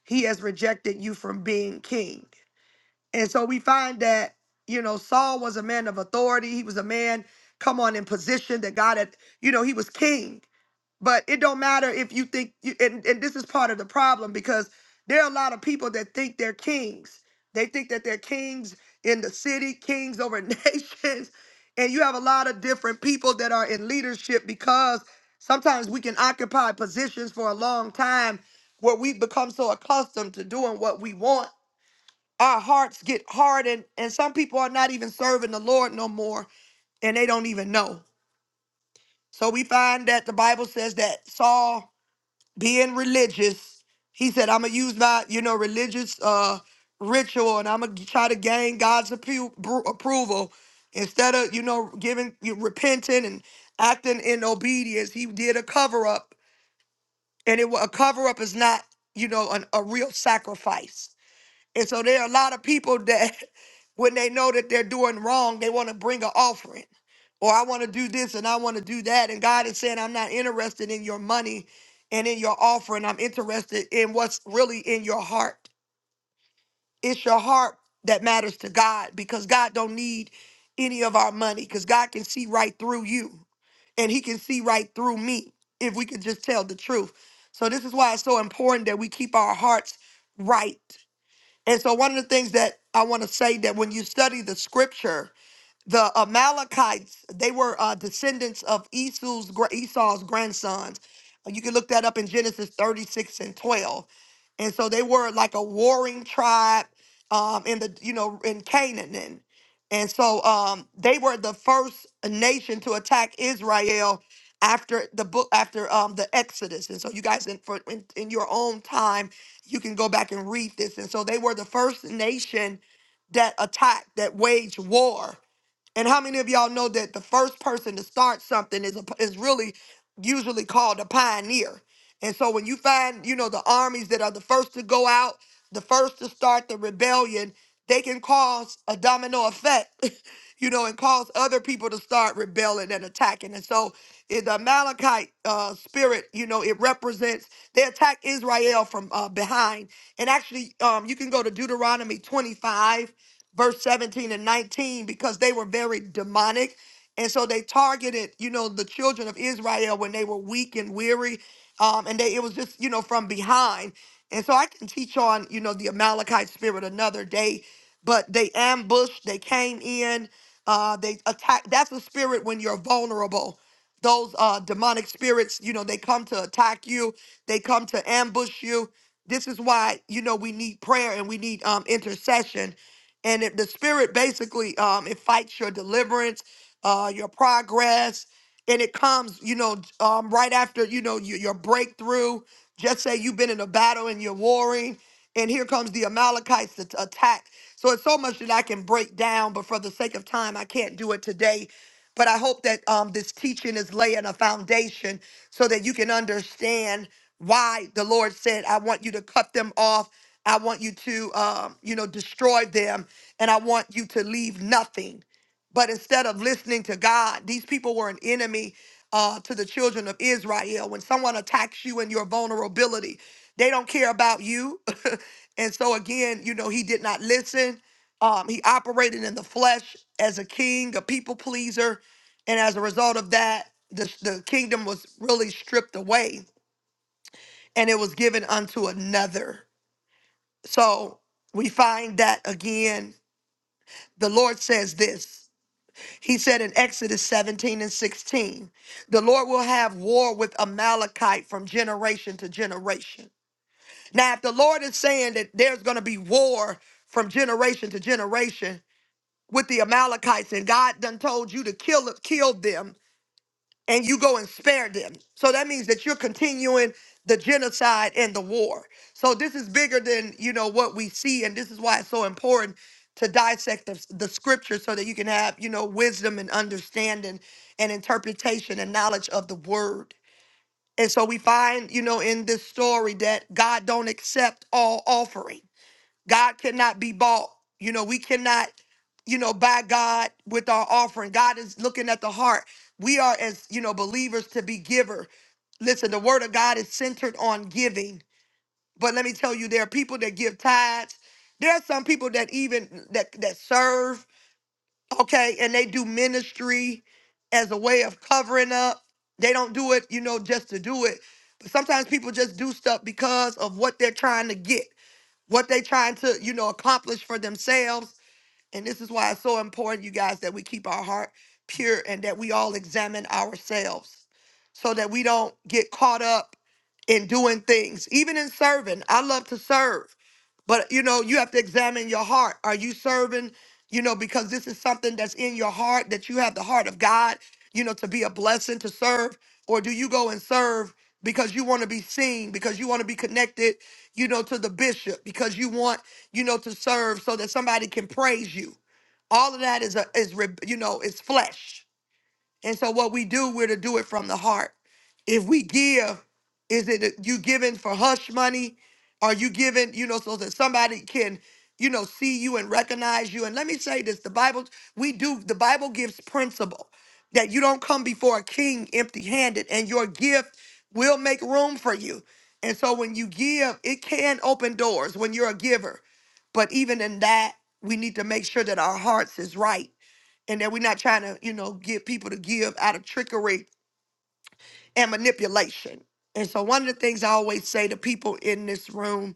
he has rejected you from being king. And so we find that, you know, Saul was a man of authority. He was a man, come on, in position that God had, you know, he was king. But it don't matter if you think, you, and, and this is part of the problem because there are a lot of people that think they're kings. They think that they're kings in the city, kings over nations. And you have a lot of different people that are in leadership because sometimes we can occupy positions for a long time where we become so accustomed to doing what we want our hearts get hardened, and some people are not even serving the Lord no more and they don't even know. So we find that the Bible says that Saul, being religious, he said, "I'm gonna use my, you know, religious uh, ritual, and I'm gonna try to gain God's appro- bru- approval instead of, you know, giving, you repenting and acting in obedience. He did a cover up, and it wa- a cover up is not, you know, an, a real sacrifice. And so there are a lot of people that when they know that they're doing wrong, they want to bring an offering. Or I want to do this and I want to do that. And God is saying, I'm not interested in your money and in your offering. I'm interested in what's really in your heart. It's your heart that matters to God because God don't need any of our money because God can see right through you and he can see right through me if we can just tell the truth. So this is why it's so important that we keep our hearts right and so, one of the things that I want to say that when you study the scripture, the Amalekites, they were uh, descendants of Esau's, gra- Esau's grandsons. Uh, You can look that up in Genesis 36 and 12. And so they were like a warring tribe um, in the, you know, in Canaan. And, and so um, they were the first nation to attack Israel after the book, after um, the Exodus. And so you guys, in, for, in, in your own time, you can go back and read this. And so they were the first nation that attacked, that waged war and how many of y'all know that the first person to start something is a, is really usually called a pioneer? And so when you find, you know, the armies that are the first to go out, the first to start the rebellion, they can cause a domino effect, you know, and cause other people to start rebelling and attacking. And so in the Amalekite uh, spirit, you know, it represents they attack Israel from uh, behind. And actually, um, you can go to Deuteronomy 25 verse 17 and 19 because they were very demonic and so they targeted you know the children of israel when they were weak and weary um and they it was just you know from behind and so i can teach on you know the amalekite spirit another day but they ambushed they came in uh they attacked that's a spirit when you're vulnerable those uh demonic spirits you know they come to attack you they come to ambush you this is why you know we need prayer and we need um intercession and if the spirit basically um it fights your deliverance uh your progress and it comes you know um right after you know your, your breakthrough just say you've been in a battle and you're warring and here comes the amalekites to to attack so it's so much that i can break down but for the sake of time i can't do it today but i hope that um this teaching is laying a foundation so that you can understand why the lord said i want you to cut them off I want you to, um, you know, destroy them, and I want you to leave nothing. But instead of listening to God, these people were an enemy uh, to the children of Israel. When someone attacks you in your vulnerability, they don't care about you. and so again, you know, he did not listen. Um, he operated in the flesh as a king, a people pleaser, and as a result of that, the, the kingdom was really stripped away, and it was given unto another. So we find that again, the Lord says this. He said in Exodus 17 and 16, the Lord will have war with Amalekite from generation to generation. Now, if the Lord is saying that there's going to be war from generation to generation with the Amalekites, and God done told you to kill, kill them and you go and spare them. So that means that you're continuing the genocide and the war. So this is bigger than, you know, what we see and this is why it's so important to dissect the, the scripture so that you can have, you know, wisdom and understanding and interpretation and knowledge of the word. And so we find, you know, in this story that God don't accept all offering God cannot be bought. You know, we cannot, you know, buy God with our offering. God is looking at the heart. We are, as you know, believers to be giver. Listen, the word of God is centered on giving. But let me tell you, there are people that give tithes. There are some people that even that that serve, okay, and they do ministry as a way of covering up. They don't do it, you know, just to do it. But sometimes people just do stuff because of what they're trying to get what they trying to, you know, accomplish for themselves and this is why it's so important, you guys, that we keep our heart pure and that we all examine ourselves so that we don't get caught up in doing things, even in serving. I love to serve, but you know, you have to examine your heart. Are you serving, you know, because this is something that's in your heart that you have the heart of God, you know, to be a blessing to serve? Or do you go and serve because you want to be seen, because you want to be connected, you know, to the bishop, because you want you know, to serve so that somebody can praise you. All of that is a is re- you know, is flesh. And so what we do, we're to do it from the heart. If we give, is it you giving for hush money? Are you giving, you know, so that somebody can, you know, see you and recognize you? And let me say this, the Bible, we do, the Bible gives principle that you don't come before a king empty-handed and your gift will make room for you. And so when you give, it can open doors when you're a giver. But even in that, we need to make sure that our hearts is right and that we're not trying to, you know, get people to give out of trickery and manipulation. And so, one of the things I always say to people in this room,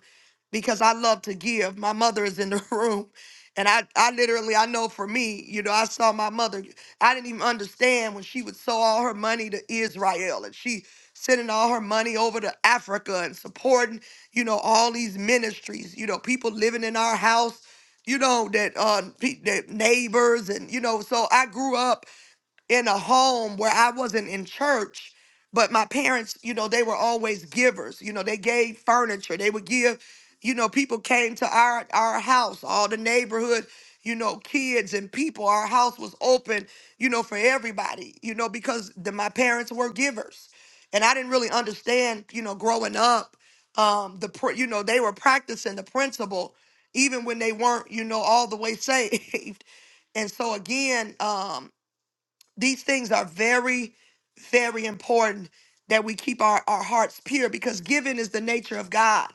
because I love to give, my mother is in the room. And I, I literally, I know for me, you know, I saw my mother. I didn't even understand when she would sow all her money to Israel and she sending all her money over to Africa and supporting, you know, all these ministries, you know, people living in our house, you know, that, uh, pe- that neighbors and, you know, so I grew up in a home where I wasn't in church, but my parents, you know, they were always givers. You know, they gave furniture. They would give, you know, people came to our our house, all the neighborhood, you know, kids and people. Our house was open, you know, for everybody, you know, because the, my parents were givers. And I didn't really understand, you know, growing up, um, the pr- you know, they were practicing the principle even when they weren't, you know, all the way saved. And so again, um, these things are very very important that we keep our, our hearts pure because giving is the nature of god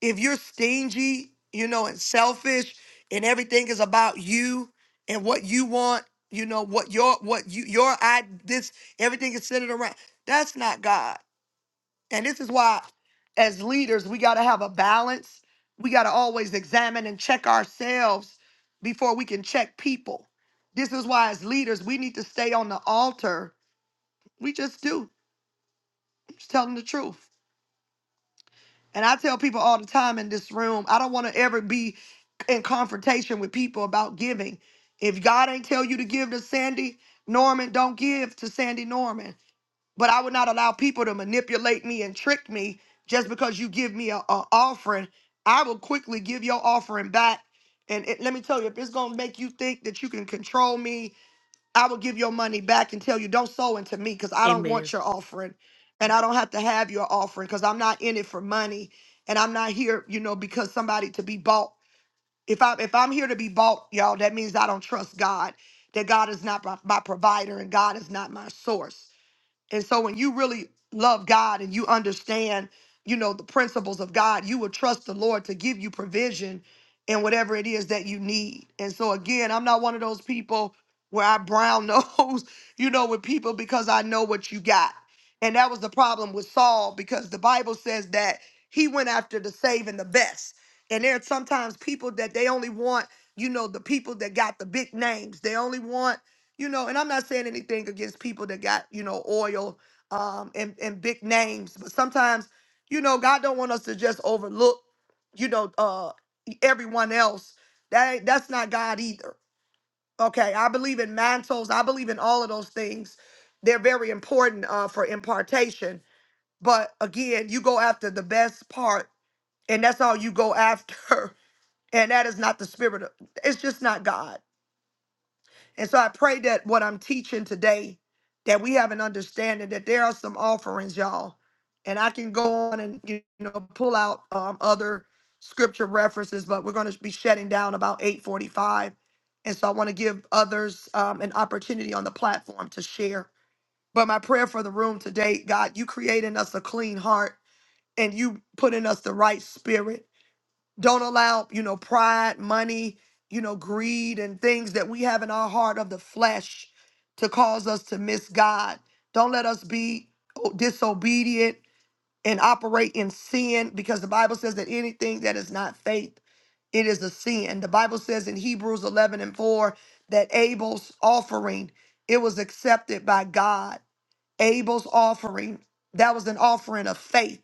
if you're stingy you know and selfish and everything is about you and what you want you know what your what you your i this everything is centered around that's not god and this is why, as leaders, we got to have a balance. We got to always examine and check ourselves before we can check people. This is why, as leaders, we need to stay on the altar. We just do. I'm just telling the truth. And I tell people all the time in this room, I don't want to ever be in confrontation with people about giving. If God ain't tell you to give to Sandy Norman, don't give to Sandy Norman. but I would not allow people to manipulate me and trick me just because you give me a, a offering. I will quickly give your offering back. And it, let me tell you, if it's gonna make you think that you can control me, I will give your money back and tell you don't sow into me because I don't
Amen.
want your offering, and I don't have to have your offering because I'm not in it for money, and I'm not here, you know, because somebody to be bought. If I if I'm here to be bought, y'all, that means I don't trust God. That God is not my, my provider and God is not my source. And so when you really love God and you understand, you know, the principles of God, you will trust the Lord to give you provision in whatever it is that you need. And so again, I'm not one of those people where I brown nose, you know, with people because I know what you got. And that was the problem with Saul because the Bible says that he went after the saving the best. And there are sometimes people that they only want, you know, the people that got the big names. They only want you know, and I'm not saying anything against people that got, you know, oil um and, and big names, but sometimes, you know, God don't want us to just overlook, you know, uh everyone else. That ain't that's not God either. Okay. I believe in mantles, I believe in all of those things. They're very important uh for impartation. But again, you go after the best part, and that's all you go after. And that is not the spirit of it's just not God. And so I pray that what I'm teaching today, that we have an understanding that there are some offerings, y'all. And I can go on and you know pull out um, other scripture references, but we're going to be shutting down about 8:45, and so I want to give others um, an opportunity on the platform to share. But my prayer for the room today, God, you create in us a clean heart, and you put in us the right spirit don't allow, you know, pride, money, you know, greed and things that we have in our heart of the flesh to cause us to miss God. Don't let us be o- disobedient and operate in sin because the Bible says that anything that is not faith it is a sin. The Bible says in Hebrews 11 and 4 that Abel's offering, it was accepted by God. Abel's offering, that was an offering of faith.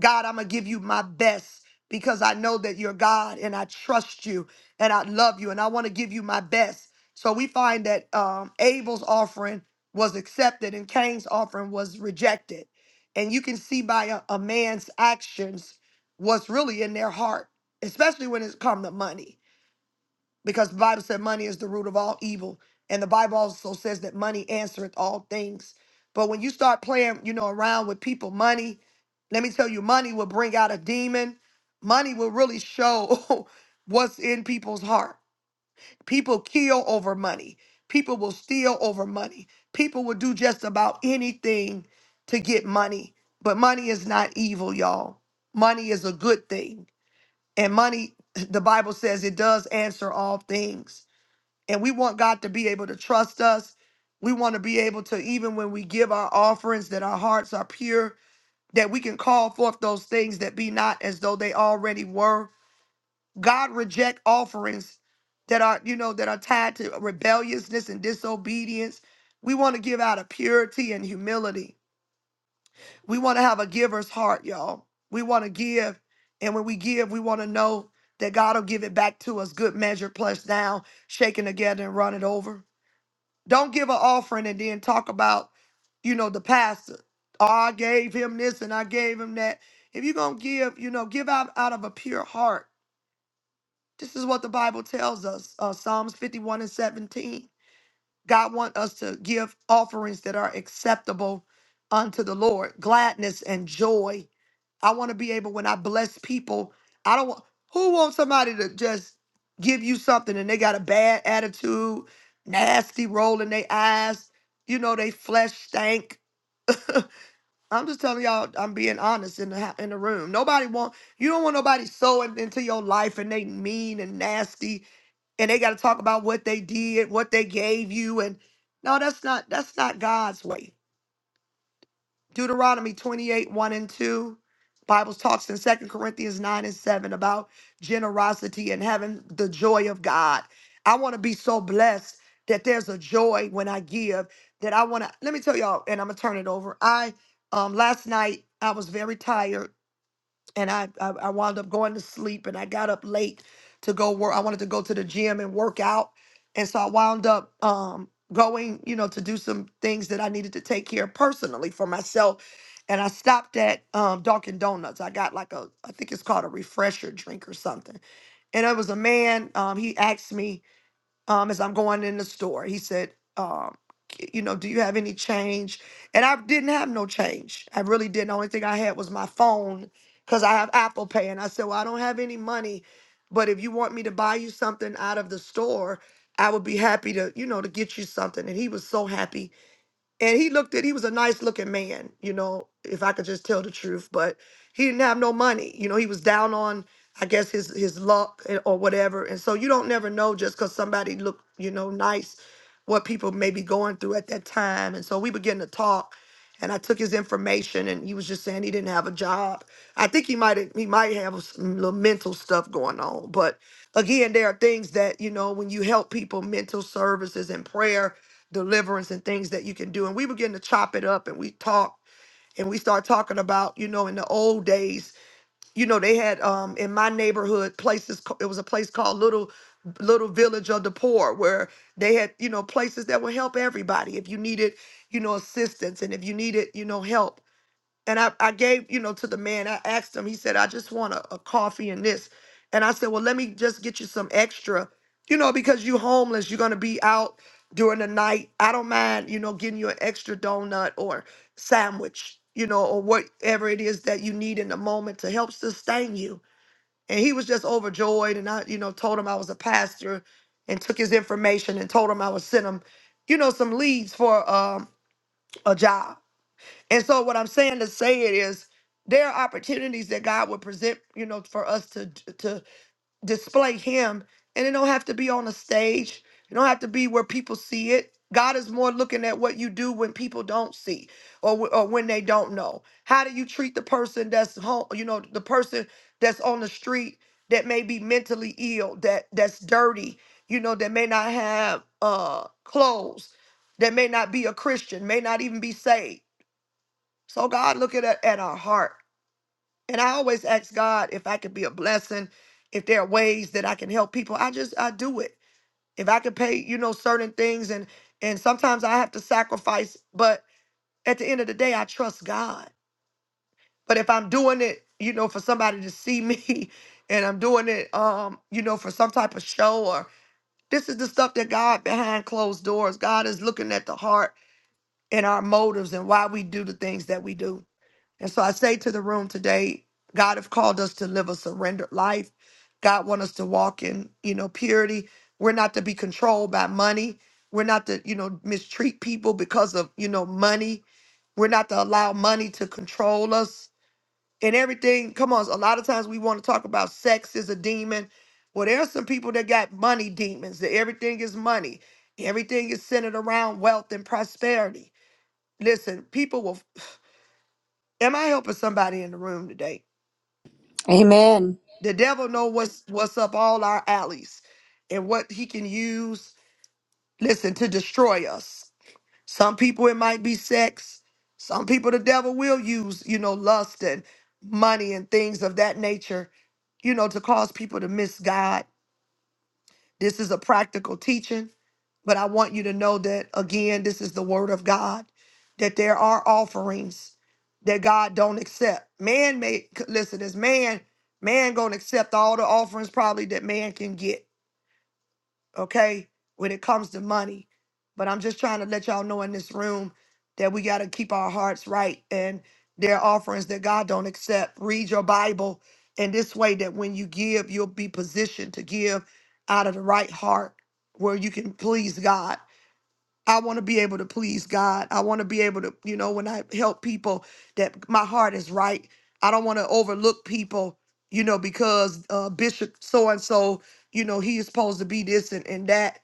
God, I'm going to give you my best because I know that you're God and I trust you and I love you and I want to give you my best. So we find that um, Abel's offering was accepted and Cain's offering was rejected. And you can see by a, a man's actions what's really in their heart, especially when it comes to money because the Bible said money is the root of all evil. And the Bible also says that money answereth all things. But when you start playing, you know, around with people, money, let me tell you, money will bring out a demon. Money will really show what's in people's heart. People kill over money. People will steal over money. People will do just about anything to get money. But money is not evil, y'all. Money is a good thing. And money, the Bible says it does answer all things and we want God to be able to trust us. We want to be able to, even when we give our offerings, that our hearts are pure, that we can call forth those things that be not as though they already were. God reject offerings that are, you know, that are tied to rebelliousness and disobedience. We want to give out of purity and humility. We want to have a giver's heart, y'all. We want to give. And when we give, we want to know that God will give it back to us, good measure, plus down, shaken together and run it over. Don't give an offering and then talk about, you know, the pastor. Oh, I gave him this and I gave him that. If you're going to give, you know, give out out of a pure heart. This is what the Bible tells us uh, Psalms 51 and 17. God wants us to give offerings that are acceptable unto the Lord, gladness and joy. I want to be able when I bless people. I don't want who wants somebody to just give you something and they got a bad attitude, nasty rolling their eyes, you know they flesh stank. I'm just telling y'all, I'm being honest in the hou- in the room. Nobody want you don't want nobody sowing into your life and they mean and nasty and they got to talk about what they did, what they gave you, and no, that's not that's not God's way. Deuteronomy 28, 1 and 2. Bible talks in Second Corinthians 9 and 7 about generosity and having the joy of God. I want to be so blessed that there's a joy when I give that I want to let me tell y'all, and I'm gonna turn it over. I um last night I was very tired and I, I I wound up going to sleep and I got up late to go work. I wanted to go to the gym and work out, and so I wound up um going, you know, to do some things that I needed to take care of personally for myself. And I stopped at um, Dunkin' Donuts. I got like a, I think it's called a refresher drink or something. And it was a man. Um, he asked me um, as I'm going in the store. He said, um, "K- you know, do you have any change? And I didn't have no change. I really didn't. The only thing I had was my phone because I have Apple Pay. And I said, well, I don't have any money, but if you want me to buy you something out of the store, I would be happy to, you know, to get you something. And he was so happy and he looked at he was a nice looking man you know if i could just tell the truth but he didn't have no money you know he was down on i guess his his luck and- or whatever and so you don't never know just because somebody looked you know nice what people may be going through at that time and so we began to talk and i took his information and he was just saying he didn't have a job i think he might he might have some little mental stuff going on but again there are things that you know when you help people mental services and prayer deliverance and things that you can do. And we begin to chop it up and we talk and we start talking about, you know, in the old days, you know, they had um in my neighborhood places ca- it was a place called Little Little Village of the Poor where they had, you know, places that would help everybody if you needed, you know, assistance and if you needed, you know, help and I, I gave, you know, to the man, I asked him, he said, I just want a, a coffee and this. And I said, Well, let me just get you some extra, you know, because you homeless, you're gonna be out during the night. I don't mind, you know, getting you an extra donut or sandwich, you know, or whatever it is that you need in the moment to help sustain you. And he was just overjoyed. And I, you know, told him I was a pastor and took his information and told him I would send him, you know, some leads for um a job. And so what I'm saying to say it is there are opportunities that God would present, you know, for us to to display him. And it don't have to be on a stage. It don't have to be where people see it. God is more looking at what you do when people don't see or wh- or when they don't know. How do you treat the person that's home, you know, the person that's on the street that may be mentally ill, that that's dirty, you know, that may not have uh clothes, that may not be a Christian, may not even be saved so God looking at, at our heart. And I always ask God if I could be a blessing, if there are ways that I can help people. I just I do it. If I could pay, you know, certain things and and sometimes I have to sacrifice, but at the end of the day, I trust God. But if I'm doing it, you know, for somebody to see me and I'm doing it um, you know, for some type of show or this is the stuff that God behind closed doors. God is looking at the heart and our motives and why we do the things that we do. And so I say to the room today, God have called us to live a surrendered life. God want us to walk in, you know, purity. We're not to be controlled by money. We're not to, you know, mistreat people because of, you know, money. We're not to allow money to control us and everything. Come on, a lot of times we want to talk about sex is a demon. Well, there are some people that got money demons. That everything is money. Everything is centered around wealth and prosperity. Listen, people will. Am I helping somebody in the room today?
Amen.
The devil know what's what's up all our alleys and what he can use, listen, to destroy us. Some people it might be sex. Some people the devil will use, you know, lust and money and things of that nature, you know, to cause people to miss God this is a practical teaching, but I want you to know that again, this is the word of God, that there are offerings that God don't accept. Man may listen, as man, man gonna accept all the offerings probably that man can get okay, when it comes to money. But I'm just trying to let y'all know in this room that we got to keep our hearts right and there are offerings that God don't accept. Read your Bible in this way that when you give, you'll be positioned to give out of the right heart where you can please God. I want to be able to please God. I want to be able to, you know, when I help people, that my heart is right. I don't want to overlook people, you know, because uh, Bishop so and so, you know, he is supposed to be this and, and that,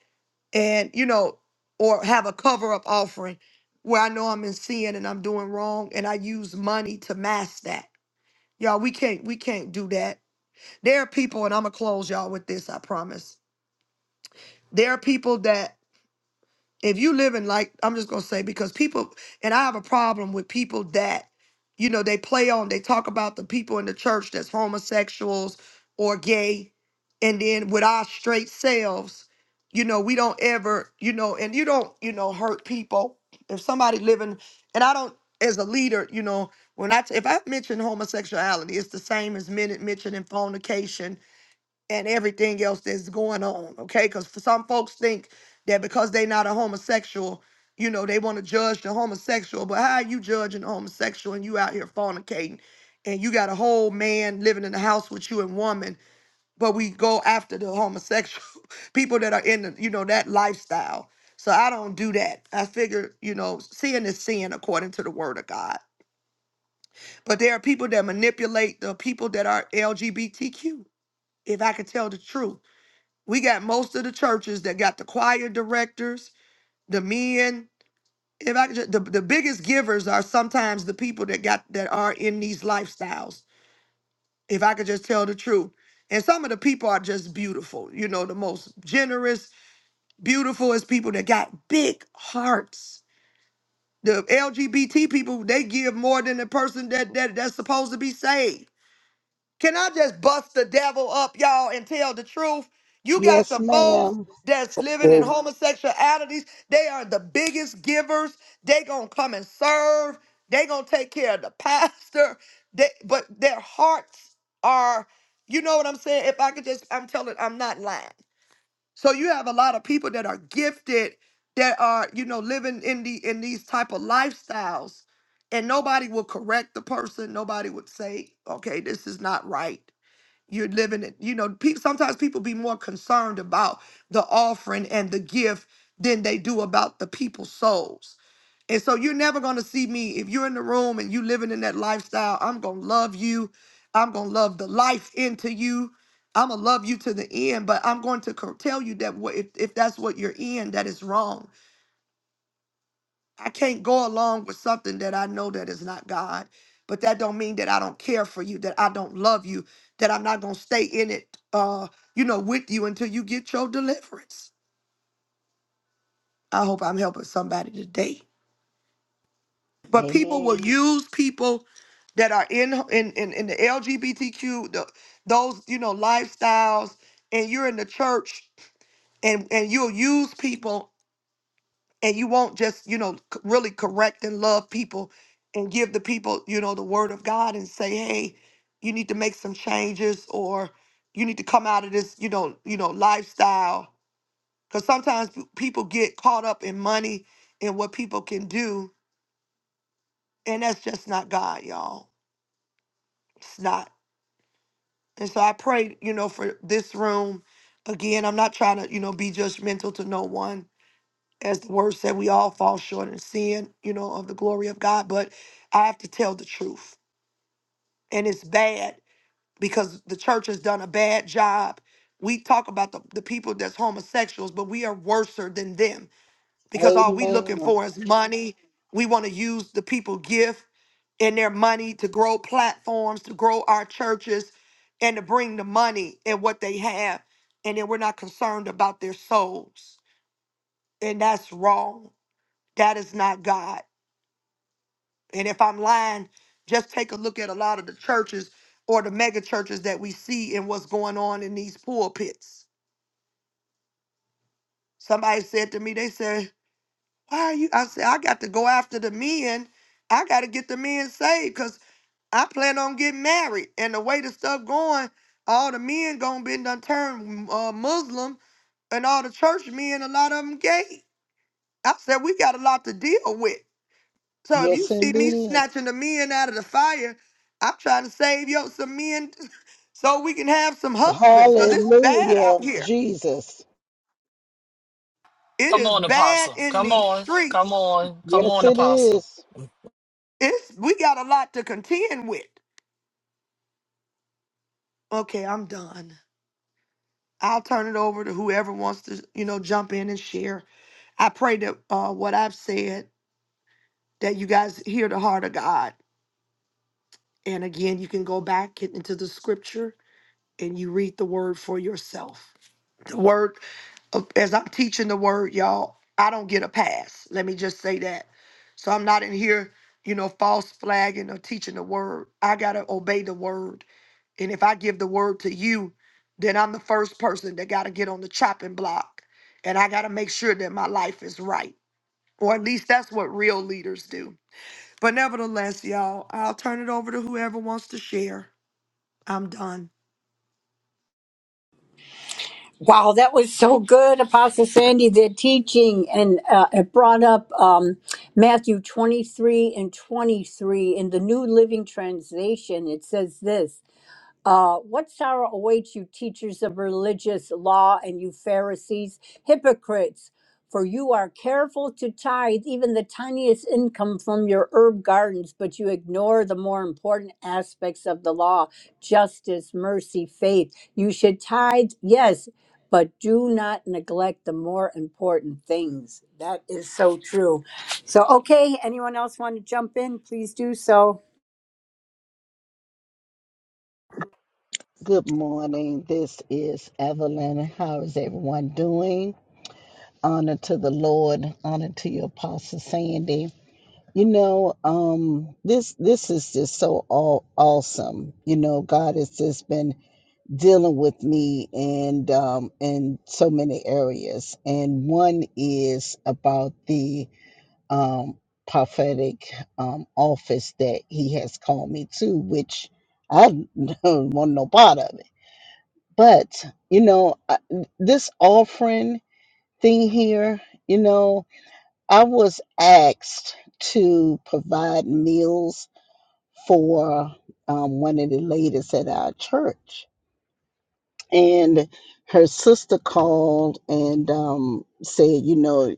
and you know, or have a cover up offering where I know I'm in sin and I'm doing wrong, and I use money to mask that. Y'all, we can't we can't do that. There are people, and I'm gonna close y'all with this. I promise. There are people that if you live in like i'm just going to say because people and i have a problem with people that you know they play on they talk about the people in the church that's homosexuals or gay and then with our straight selves you know we don't ever you know and you don't you know hurt people if somebody living and i don't as a leader you know when i t- if i mention homosexuality it's the same as men mentioning fornication and everything else that's going on. Okay, because some folks think that because they not a homosexual, you know, they want to judge the homosexual. But how are you judging a homosexual and you out here fornicating, and you got a whole man living in the house with you and woman, but we go after the homosexual people that are in the, you know that lifestyle. So I don't do that. I figure, you know, sin is sin according to the word of God. But there are people that manipulate the people that are LGBTQ. If I could tell the truth we got most of the churches that got the choir directors, the men. If I could just, the, the biggest givers are sometimes the people that got that are in these lifestyles. If I could just tell the truth. And some of the people are just beautiful, you know, the most generous, beautiful is people that got big hearts. The LGBT people, they give more than the person that, that that's supposed to be saved. Can I just bust the devil up, y'all, and tell the truth? You got
Yes,
some folks
ma'am.
that's living in homosexualities. They are the biggest givers. They gonna come and serve. They gonna take care of the pastor. They, but their hearts are, you know what I'm saying? If I could just, I'm telling, I'm not lying. So you have a lot of people that are gifted that are, you know, living in the in these type of lifestyles, and nobody will correct the person. Nobody would say, okay, this is not right you're living it. You know, pe- sometimes people be more concerned about the offering and the gift than they do about the people's souls. And so you're never going to see me if you're in the room and you living in that lifestyle. I'm going to love you. I'm going to love the life into you. I'm going to love you to the end, but I'm going to co- tell you that what if, if that's what you're in, that is wrong I can't go along with something that I know that is not God. But that don't mean that I don't care for you, that I don't love you, that I'm not gonna stay in it, uh, you know, with you until you get your deliverance. I hope I'm helping somebody today. But people will
Amen.
use people that are in in in, in the LGBTQ, the, those you know lifestyles, and you're in the church, and and you'll use people and you won't just you know c- really correct and love people and give the people you know the word of god and say hey you need to make some changes or you need to come out of this you know you know lifestyle because sometimes p- people get caught up in money and what people can do and that's just not god y'all it's not and so i pray you know for this room again i'm not trying to you know be judgmental to no one as the word said, we all fall short in sin, you know, of the glory of God. But I have to tell the truth. And it's bad because the church has done a bad job. We talk about the, the people that's homosexuals, but we are worser than them because all we looking
Amen.
for is money. We want to use the people gift and their money to grow platforms, to grow our churches, and to bring the money and what they have. And then we're not concerned about their souls. And that's wrong. That is not God. And if I'm lying, just take a look at a lot of the churches or the mega churches that we see and what's going on in these pulpits. Somebody said to me, they said, Why are you? I said, I got to go after the men. I got to get the men saved because I plan on getting married. And the way the stuff going, all the men going to be done turned uh, Muslim and all the church men, a lot of them gay. I said, We got a lot to deal with. So if you
Yes,
see me
indeed.
snatching the men out of the fire, I'm trying to save yo some men so we can have some husbands. Cause it's bad out
Hallelujah,
here.
Jesus.
It
Come
is
on,
bad
Apostle.
in
Come
these
on. Come
streets.
on. Come
Yes,
on,
it
Apostle.
is.
It's we got a lot to contend with. Okay, I'm done. I'll turn it over to whoever wants to, you know, jump in and share. I pray that uh, what I've said that you guys hear the heart of God. And again, you can go back into the scripture and you read the word for yourself. The word uh, as I'm teaching the word, y'all, I don't get a pass. Let me just say that. So I'm not in here, you know, false flagging or teaching the word. I got to obey the word. And if I give the word to you, then I'm the first person that got to get on the chopping block. And I got to make sure that my life is right. Or at least that's what real leaders do. But nevertheless, y'all, I'll turn it over to whoever wants to share. I'm done.
Wow, that was so good, Apostle Sandy. The teaching and uh, it brought up um, Matthew 23 and 23 in the New Living Translation. It says this uh, what sorrow awaits you, teachers of religious law, and you Pharisees, hypocrites! For you are careful to tithe even the tiniest income from your herb gardens, but you ignore the more important aspects of the law justice, mercy, faith. You should tithe, yes, but do not neglect the more important things. That is so true. So, okay, anyone else want to jump in? Please do so.
Good morning. This is Evelyn. How is everyone doing? Honor to the Lord. Honor to your Apostle Sandy. You know, um, this this is just so all awesome. You know, God has just been dealing with me and um, in so many areas. And one is about the um, prophetic um, office that he has called me to, which I don't want no part of it. But, you know, I, this offering thing here, you know, I was asked to provide meals for um, one of the ladies at our church and her sister called and um, said, you know,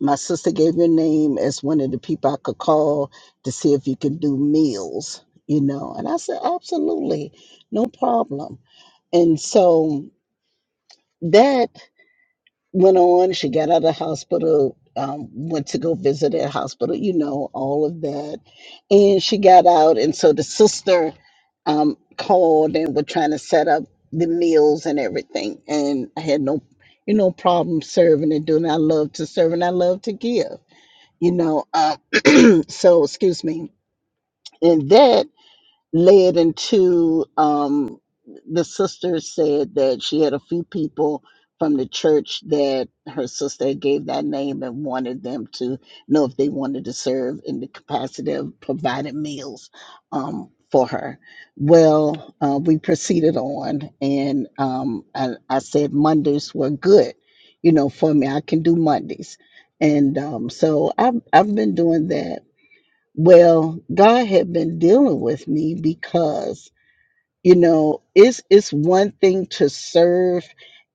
my sister gave your name as one of the people I could call to see if you can do meals, you know. And I said, absolutely, no problem. And so that went on. She got out of the hospital, um, went to go visit at hospital, you know, all of that. And she got out. And so the sister um, called and were trying to set up the meals and everything. And I had no, you know, problem serving and doing. I love to serve and I love to give, you know. Um, so, excuse me. And that led into um, the sister said that she had a few people from the church that her sister gave that name and wanted them to know if they wanted to serve in the capacity of providing meals um, for her. Well, uh, we proceeded on, and um, I, I said Mondays were good, you know, for me. I can do Mondays, and um, so I've I've been doing that well, God had been dealing with me because, you know, it's it's one thing to serve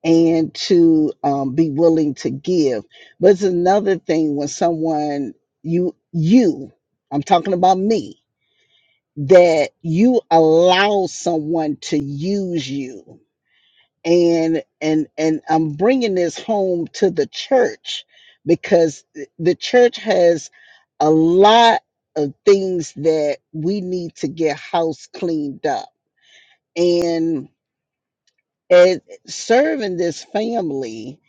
and to um, be willing to give, but it's another thing when someone you you I'm talking about me that you allow someone to use you and and and I'm bringing this home to the church because th- the church has a lot of things that we need to get house cleaned up and and serving this family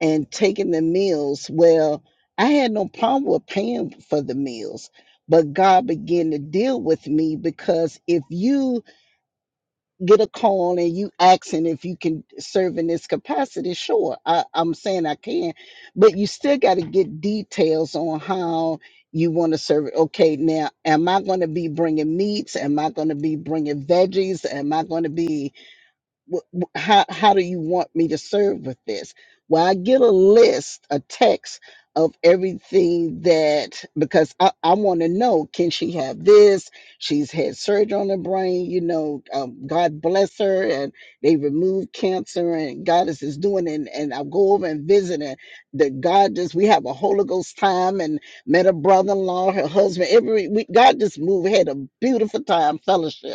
and taking the meals well I had no problem with paying for the meals but God began to deal with me because if you get a call and you asking if you can serve in this capacity, sure, I, I'm saying I can, but you still got to get details on how you want to serve it. Okay, now, am I going to be bringing meats? Am I going to be bringing veggies? Am I going to be wh- wh- how how do you want me to serve with this well i get a list a text of everything that because i, I want to know can she have this she's had surgery on her brain you know um, god bless her and they removed cancer and goddess is doing it and and i go over and visit and the god just we have a holy ghost time and met a brother-in-law her husband every we god just moved had a beautiful time fellowship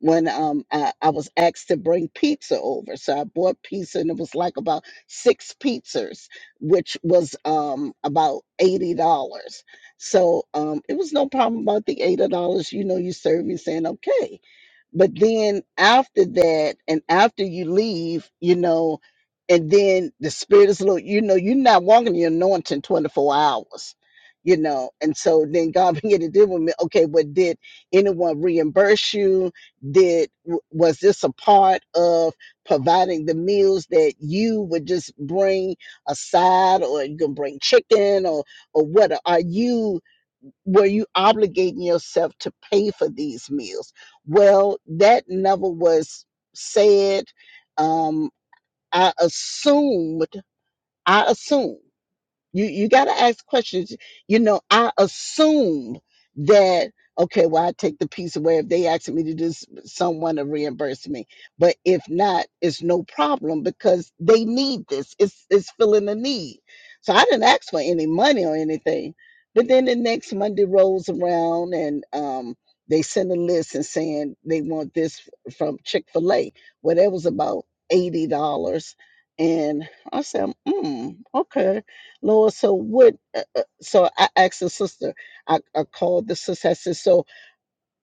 when um I, I was asked to bring pizza over. So I bought pizza and it was like about six pizzas, which was um about eighty dollars. So um it was no problem about the eighty dollars, you know, you serve, you're saying okay. But then after that, and after you leave, you know, and then the spirit is little, you know, you're not walking your anointing 24 hours, you know. And so then God began to deal with me. Okay, but did anyone reimburse you? Did w- was this a part of providing the meals that you would just bring aside, or you can bring chicken or or what? Are you were you obligating yourself to pay for these meals? Well, that never was said. Um, I assumed, I assumed. You you gotta ask questions. You know, I assume that okay, well, I take the piece away if they ask me to do s- someone to reimburse me. But if not, it's no problem because they need this. It's it's filling a need. So I didn't ask for any money or anything. But then the next Monday rolls around and um they send a list and saying they want this from Chick-fil-A. Well, that was about eighty dollars. And I said, mm, okay. Lord, so what? Uh, uh, so I asked the sister, I, I called the sister, I said, So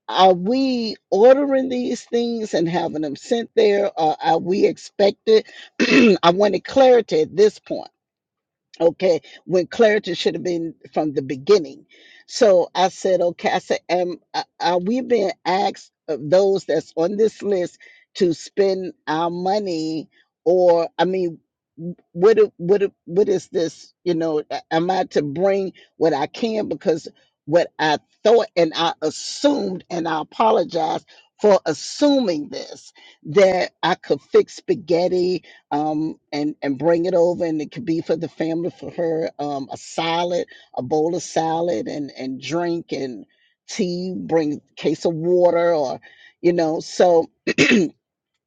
are we ordering these things and having them sent there? Or are we expected? I wanted clarity at this point Okay, when clarity should have been from the beginning. So I said, okay, I said, am uh, are we being asked of those that's on this list to spend our money, or I mean, w- what do- what do- what is this? You know, a- am I to bring what I can because what I thought and I assumed, and I apologize for assuming this that I could fix spaghetti um, and and bring it over, and it could be for the family, for her, um, a salad, a bowl of salad, and and drink and tea. Bring a case of water, or you know. So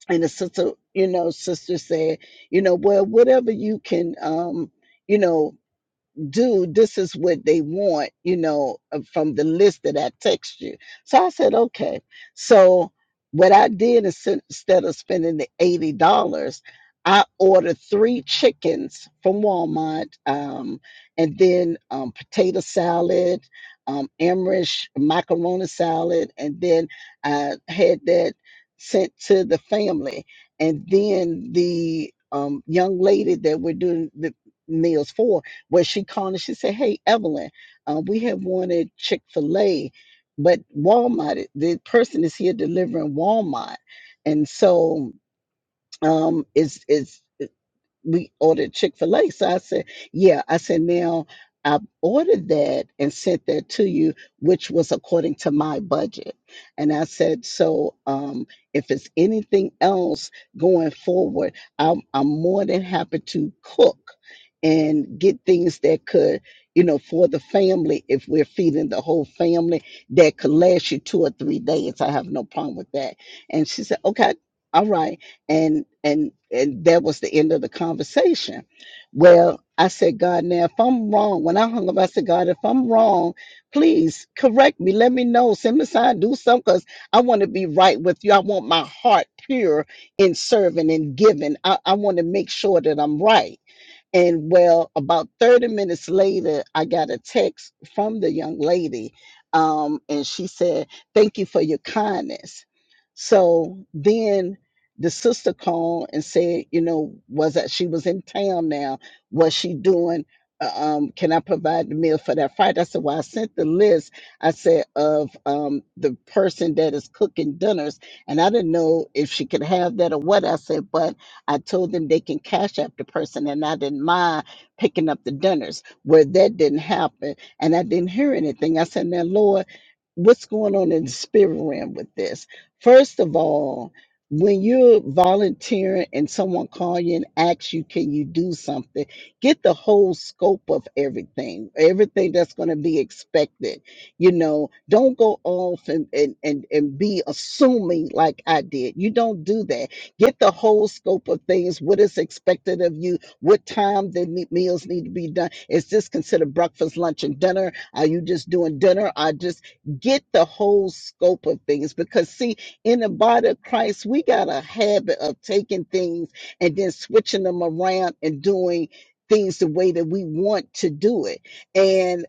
and the sister, you know, sister said, you know, well, whatever you can, um, you know, do this is what they want, you know, uh, from the list that I text you. So I said, okay. So what I did is sin- instead of spending the eighty dollars, I ordered three chickens from Walmart, um, and then um, potato salad, um, Irish macaroni salad, and then I had that sent to the family, and then the um, young lady that we're doing the meals for where she called and she said, Hey, Evelyn, uh, we have wanted Chick fil A, but Walmart, the person is here delivering Walmart. And so um, it's, it's, we ordered Chick fil A. So I said, Yeah. I said, Now I ordered that and sent that to you, which was according to my budget. And I said, So um, if it's anything else going forward, I'm, I'm more than happy to cook and get things that could. You know, for the family, if we're feeding the whole family, that could last you two or three days. I have no problem with that. And she said, okay, all right and and and that was the end of the conversation. Well, I said, God, now if I'm wrong, when I hung up, I said, God, if I'm wrong, please correct me. Let me know. Send me a sign. Do something, cause I want to be right with you. I want my heart pure in serving and giving. I, I want to make sure that I'm right. And well, about 30 minutes later, I got a text from the young lady. Um, and she said, Thank you for your kindness. So then the sister called and said, You know, was that she was in town now? Was she doing? uh, Um, can I provide the meal for that Friday? I said, Well, I sent the list, I said, of um, the person that is cooking dinners. And I didn't know if she could have that or what. I said, But I told them they can cash app the person, and I didn't mind picking up the dinners. Where that didn't happen, and I didn't hear anything. I said, "Now, Lord, what's going on in the spirit realm with this?" First of all, when you're volunteering and someone calls you and asks you, "Can you do something?" Get the whole scope of everything, everything that's going to be expected you know don't go off and and and, and be assuming like i did you don't do that Get the whole scope of things, what is expected of you, what time the ne- meals need to be done. Is this considered breakfast, lunch, and dinner? Are you just doing dinner? I just get the whole scope of things because, see, in the body of Christ, we got a habit of taking things and then switching them around and doing things the way that we want to do it. And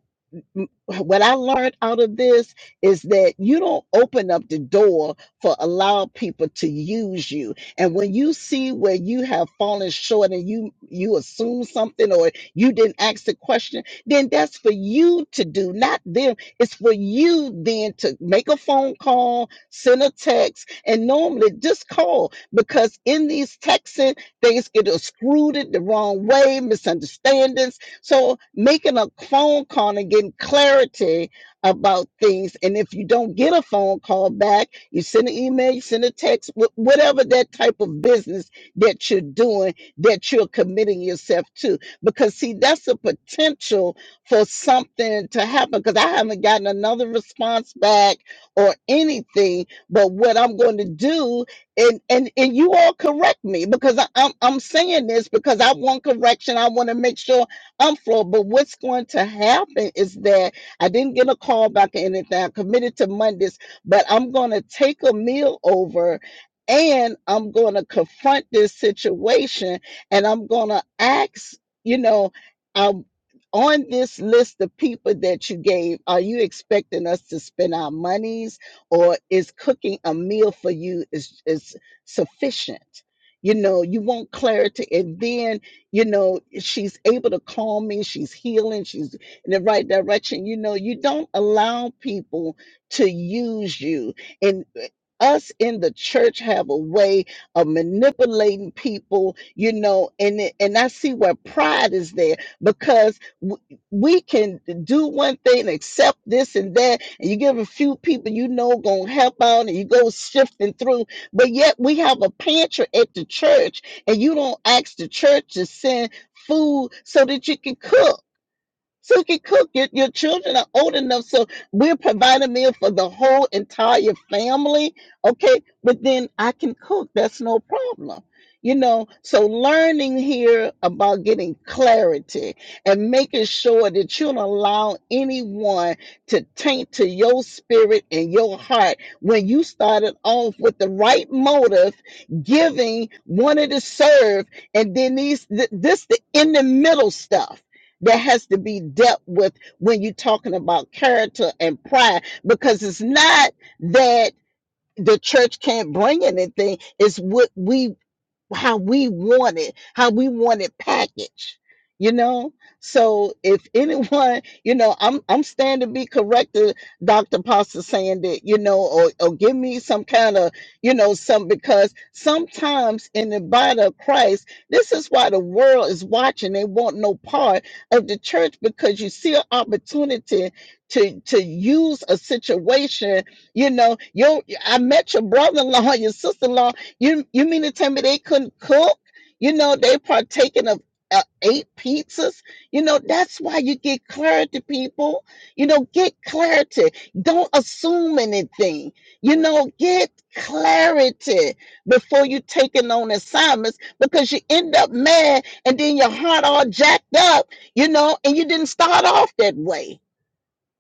m- what I learned out of this is that you don't open up the door for allow people to use you. And when you see where you have fallen short and you you assume something or you didn't ask the question, then that's for you to do, not them. It's for you then to make a phone call, send a text, and normally just call because in these texting things get screwed the wrong way, misunderstandings so making a phone call and getting clarity about things. And if you don't get a phone call back, you send an email, you send a text, wh- whatever that type of business that you're doing, that you're committing yourself to. Because see, that's a potential for something to happen. Because I haven't gotten another response back or anything. But what I'm going to do and and and you all correct me because I, I'm I'm saying this because I want correction. I want to make sure I'm floored. But what's going to happen is that I didn't get a call back or anything. I committed to Mondays, but I'm going to take a meal over and I'm going to confront this situation and I'm going to ask, you know, um, on this list of people that you gave, are you expecting us to spend our monies or is cooking a meal for you is, is sufficient? You know, you want clarity. And then you know, she's able to calm me. She's healing. She's in the right direction. You know, you don't allow people to use you. And uh, us in the church have a way of manipulating people, you know, and it- and I see where pride is there because w- we can do one thing and accept this and that, and you give a few people you know gonna help out, and you go sifting through, but yet we have a pantry at the church and you don't ask the church to send food so that you can cook. So you can cook. Your, your children are old enough. So we're providing a meal for the whole entire family. Okay. But then I can cook. That's no problem. You know, so learning here about getting clarity and making sure that you don't allow anyone to taint to your spirit and your heart when you started off with the right motive, giving, wanted to serve, and then these th- this the in the middle stuff that has to be dealt with when you're talking about character and pride because it's not that the church can't bring anything it's what we how we want it, how we want it packaged. You know, so if anyone, you know, I'm I'm standing to be corrected, Doctor Pastor, saying that you know, or or give me some kind of, you know, some because sometimes in the body of Christ, this is why the world is watching. They want no part of the church because you see an opportunity to to use a situation. You know, your I met your brother-in-law, your sister-in-law you you mean to tell me they couldn't cook? You know they partaking of uh, eight pizzas. You know that's why you get clarity, people. You know get clarity. Don't assume anything. You know get clarity before you taking on assignments because you end up mad and then your heart all jacked up. You know and you didn't start off that way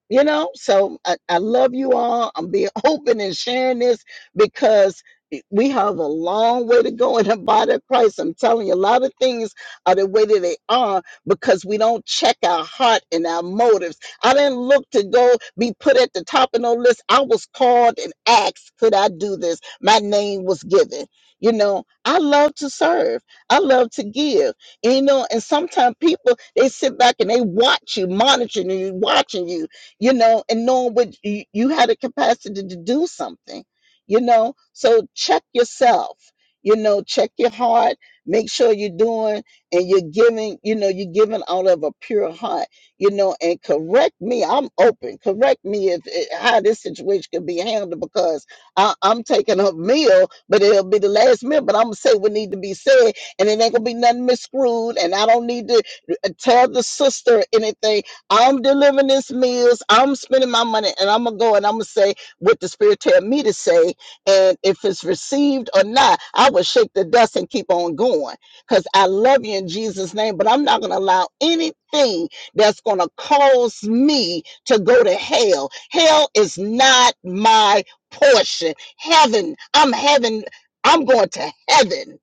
you know so I, I love you all i'm being open and sharing this because we have a long way to go in the body of christ i'm telling you a lot of things are the way that they are because we don't check our heart and our motives i didn't look to go be put at the top of no list i was called and asked could i do this my name was given you know i love to serve i love to give you know and sometimes people they sit back and they watch you monitoring you watching you you know, and knowing what you, you had a capacity to do something, you know. So check yourself, you know, check your heart, make sure you're doing and you're giving, you know, you're giving out of a pure heart, you know, and correct me. I'm open. Correct me if if how this situation could be handled because I, I'm taking a meal, but it'll be the last meal. But I'm gonna say what need to be said, and it ain't gonna be nothing miscrewed, and I don't need to uh, tell the sister anything I'm delivering this meals. I'm spending my money, and I'm gonna go and I'm gonna say what the Spirit tell me to say. And if it's received or not, I will shake the dust and keep on going because I love you in Jesus' name. But I'm not gonna allow anything that's gonna cause me to go to hell. Hell is not my portion. Heaven, I'm heaven. I'm going to heaven.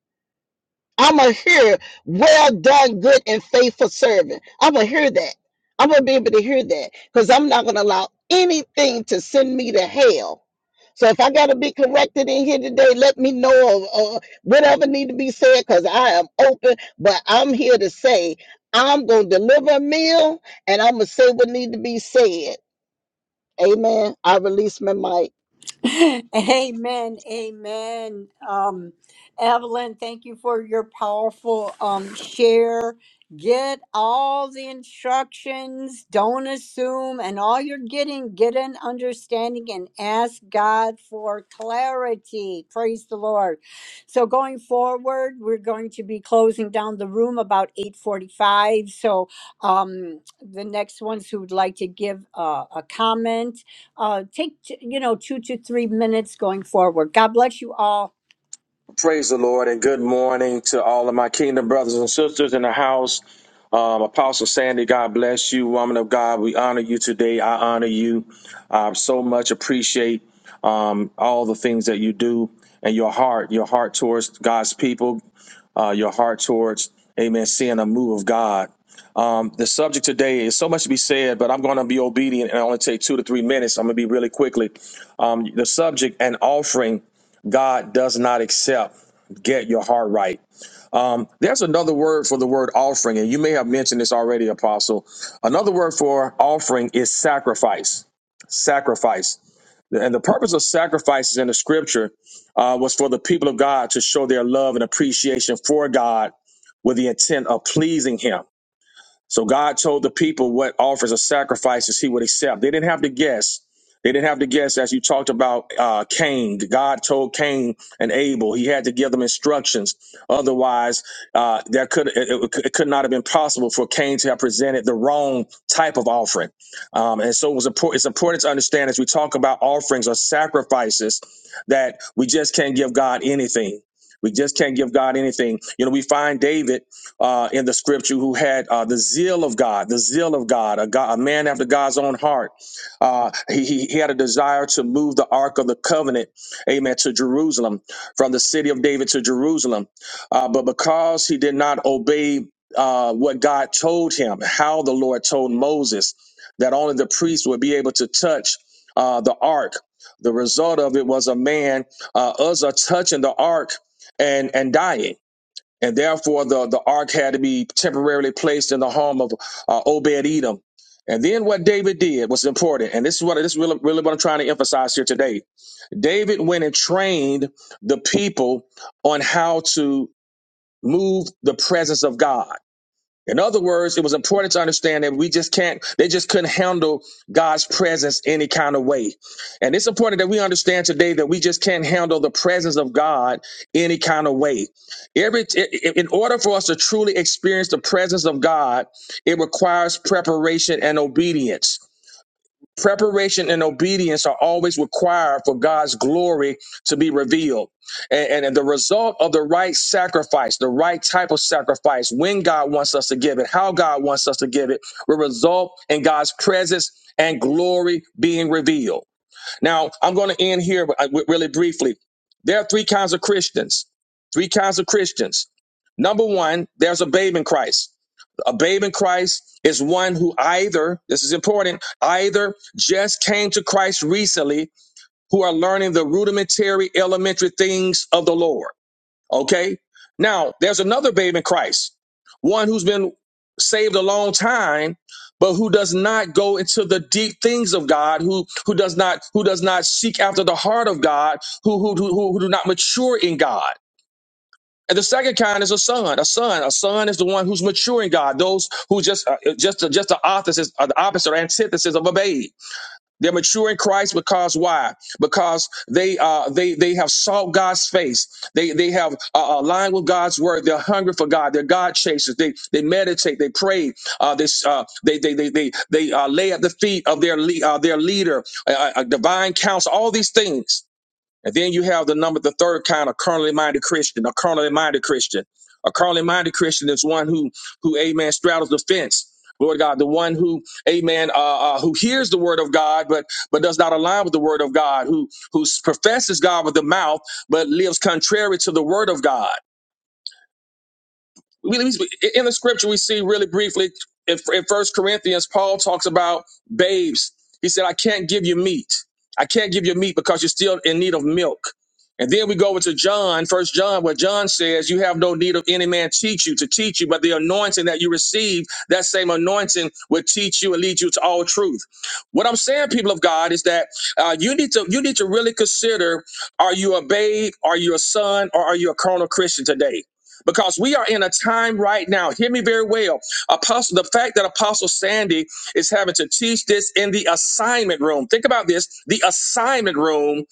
I'm gonna hear, well done, good and faithful servant. I'm gonna hear that. I'm gonna be able to hear that because I'm not gonna allow anything to send me to hell. So if I gotta be corrected in here today, let me know of uh, whatever need to be said because I am open. But I'm here to say I'm gonna deliver a meal and I'm gonna say what need to be said. Amen. I release my mic.
Amen. Amen. Um, Evelyn, thank you for your powerful um, share. Get all the instructions, don't assume, and all you're getting, get an understanding and ask God for clarity. Praise the Lord. So going forward, we're going to be closing down the room about 845. So um, the next ones who would like to give uh, a comment uh, take t- you know two to three minutes going forward. God bless you all.
Praise the Lord and good morning to all of my kingdom brothers and sisters in the house. Um, Apostle Sandy, God bless you. Woman of God, we honor you today. I honor you. I so much appreciate um, all the things that you do and your heart, your heart towards God's people uh, your heart towards, amen, seeing a move of God. Um, the subject today is so much to be said, but I'm going to be obedient and I only take two to three minutes. I'm going to be really quickly. Um, the subject an offering God does not accept. Get your heart right. Um, there's another word for the word offering, and you may have mentioned this already, Apostle. Another word for offering is sacrifice sacrifice. And the purpose of sacrifices in the scripture uh, was for the people of God to show their love and appreciation for God with the intent of pleasing Him. So God told the people what offers or sacrifices he would accept. They didn't have to guess. They didn't have to guess, as you talked about uh, Cain. God told Cain and Abel he had to give them instructions. Otherwise, uh, that could it, it- it could not have been possible for Cain to have presented the wrong type of offering. Um, and so it was important. It's important to understand as we talk about offerings or sacrifices that we just can't give God anything. We just can't give God anything. You know, we find David uh, in the scripture who had uh, the zeal of God, the zeal of God, a, God, a man after God's own heart. Uh, he, he he had a desire to move the Ark of the Covenant, amen, to Jerusalem, from the city of David to Jerusalem. Uh, but because he did not obey uh, what God told him, how the Lord told Moses that only the priest would be able to touch uh, the Ark, the result of it was a man, uh, Uzzah, touching the Ark and, and dying. And therefore, the, the ark had to be temporarily placed in the home of uh, Obed Edom. And then what David did was important. And this is what this is really, really what I'm trying to emphasize here today. David went and trained the people on how to move the presence of God. In other words, it was important to understand that we just can't, they just couldn't handle God's presence any kind of way. And it's important that we understand today that we just can't handle the presence of God any kind of way. Every, i- i- in order for us to truly experience the presence of God, it requires preparation and obedience. Preparation and obedience are always required for God's glory to be revealed. And, and, the result of the right sacrifice, the right type of sacrifice, when God wants us to give it, how God wants us to give it, will result in God's presence and glory being revealed. Now, I'm going to end here uh, wi- really briefly. There are three kinds of Christians. Three kinds of Christians. Number one, there's a babe in Christ. A babe in Christ is one who either, this is important, either just came to Christ recently, who are learning the rudimentary elementary things of the Lord. Okay. Now, there's another babe in Christ, one who's been saved a long time, but who does not go into the deep things of God, who who does not who does not seek after the heart of God, who who who, who do not mature in God. And the second kind is a son. A son. A son is the one who's mature in God. Those who just uh, uh, just uh, just the opposite, uh, the opposite or antithesis of a babe. They're mature in Christ because why? Because they uh they they have sought God's face. They they have uh, aligned with God's word. They're hungry for God. They're God chasers. They they meditate. They pray. Uh, this uh they they they they they uh, lay at the feet of their le- uh, their leader, uh, uh, uh, divine counsel. All these things. And then you have the number, the third kind of carnally minded Christian, a carnally minded Christian. A carnally minded Christian is one who, who, amen, straddles the fence. Lord God, the one who, amen, uh, uh, who hears the word of God, but but does not align with the word of God, who who professes God with the mouth, but lives contrary to the word of God we, we- in the scripture we see really briefly in, in first corinthians paul talks about babes he said i can't give you meat i can't give you meat because you're still in need of milk and then we go over to john first john where john says you have no need of any man teach you to teach you but the anointing that you receive that same anointing will teach you and lead you to all truth what i'm saying people of god is that uh, you need to you need to really consider are you a babe are you a son or are you a carnal christian today because we are in a time right now. Hear me very well. Apostle, the fact that Apostle Sandy is having to teach this in the assignment room. Think about this: the assignment room.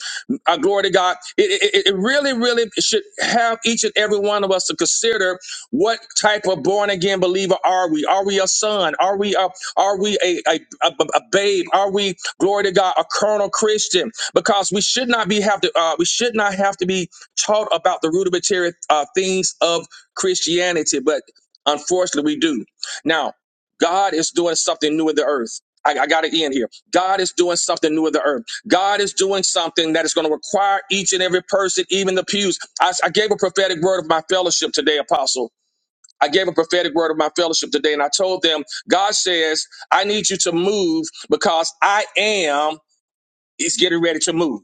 Uh, glory to God. It, it, it really, really should have each and every one of us to consider what type of born again believer are we? Are we a son? Are we a are we a, a, a, a babe? Are we glory to God a carnal Christian? Because we should not be have to. Uh, we should not have to be taught about the rudimentary uh, things of Christianity, but unfortunately we do. Now, God is doing something new in the earth. I, I got to end here. God is doing something new in the earth. God is doing something that is going to require each and every person, even the pews. I, I gave a prophetic word of my fellowship today, Apostle. I gave a prophetic word of my fellowship today, and I told them, God says, I need you to move because I am He's getting ready to move.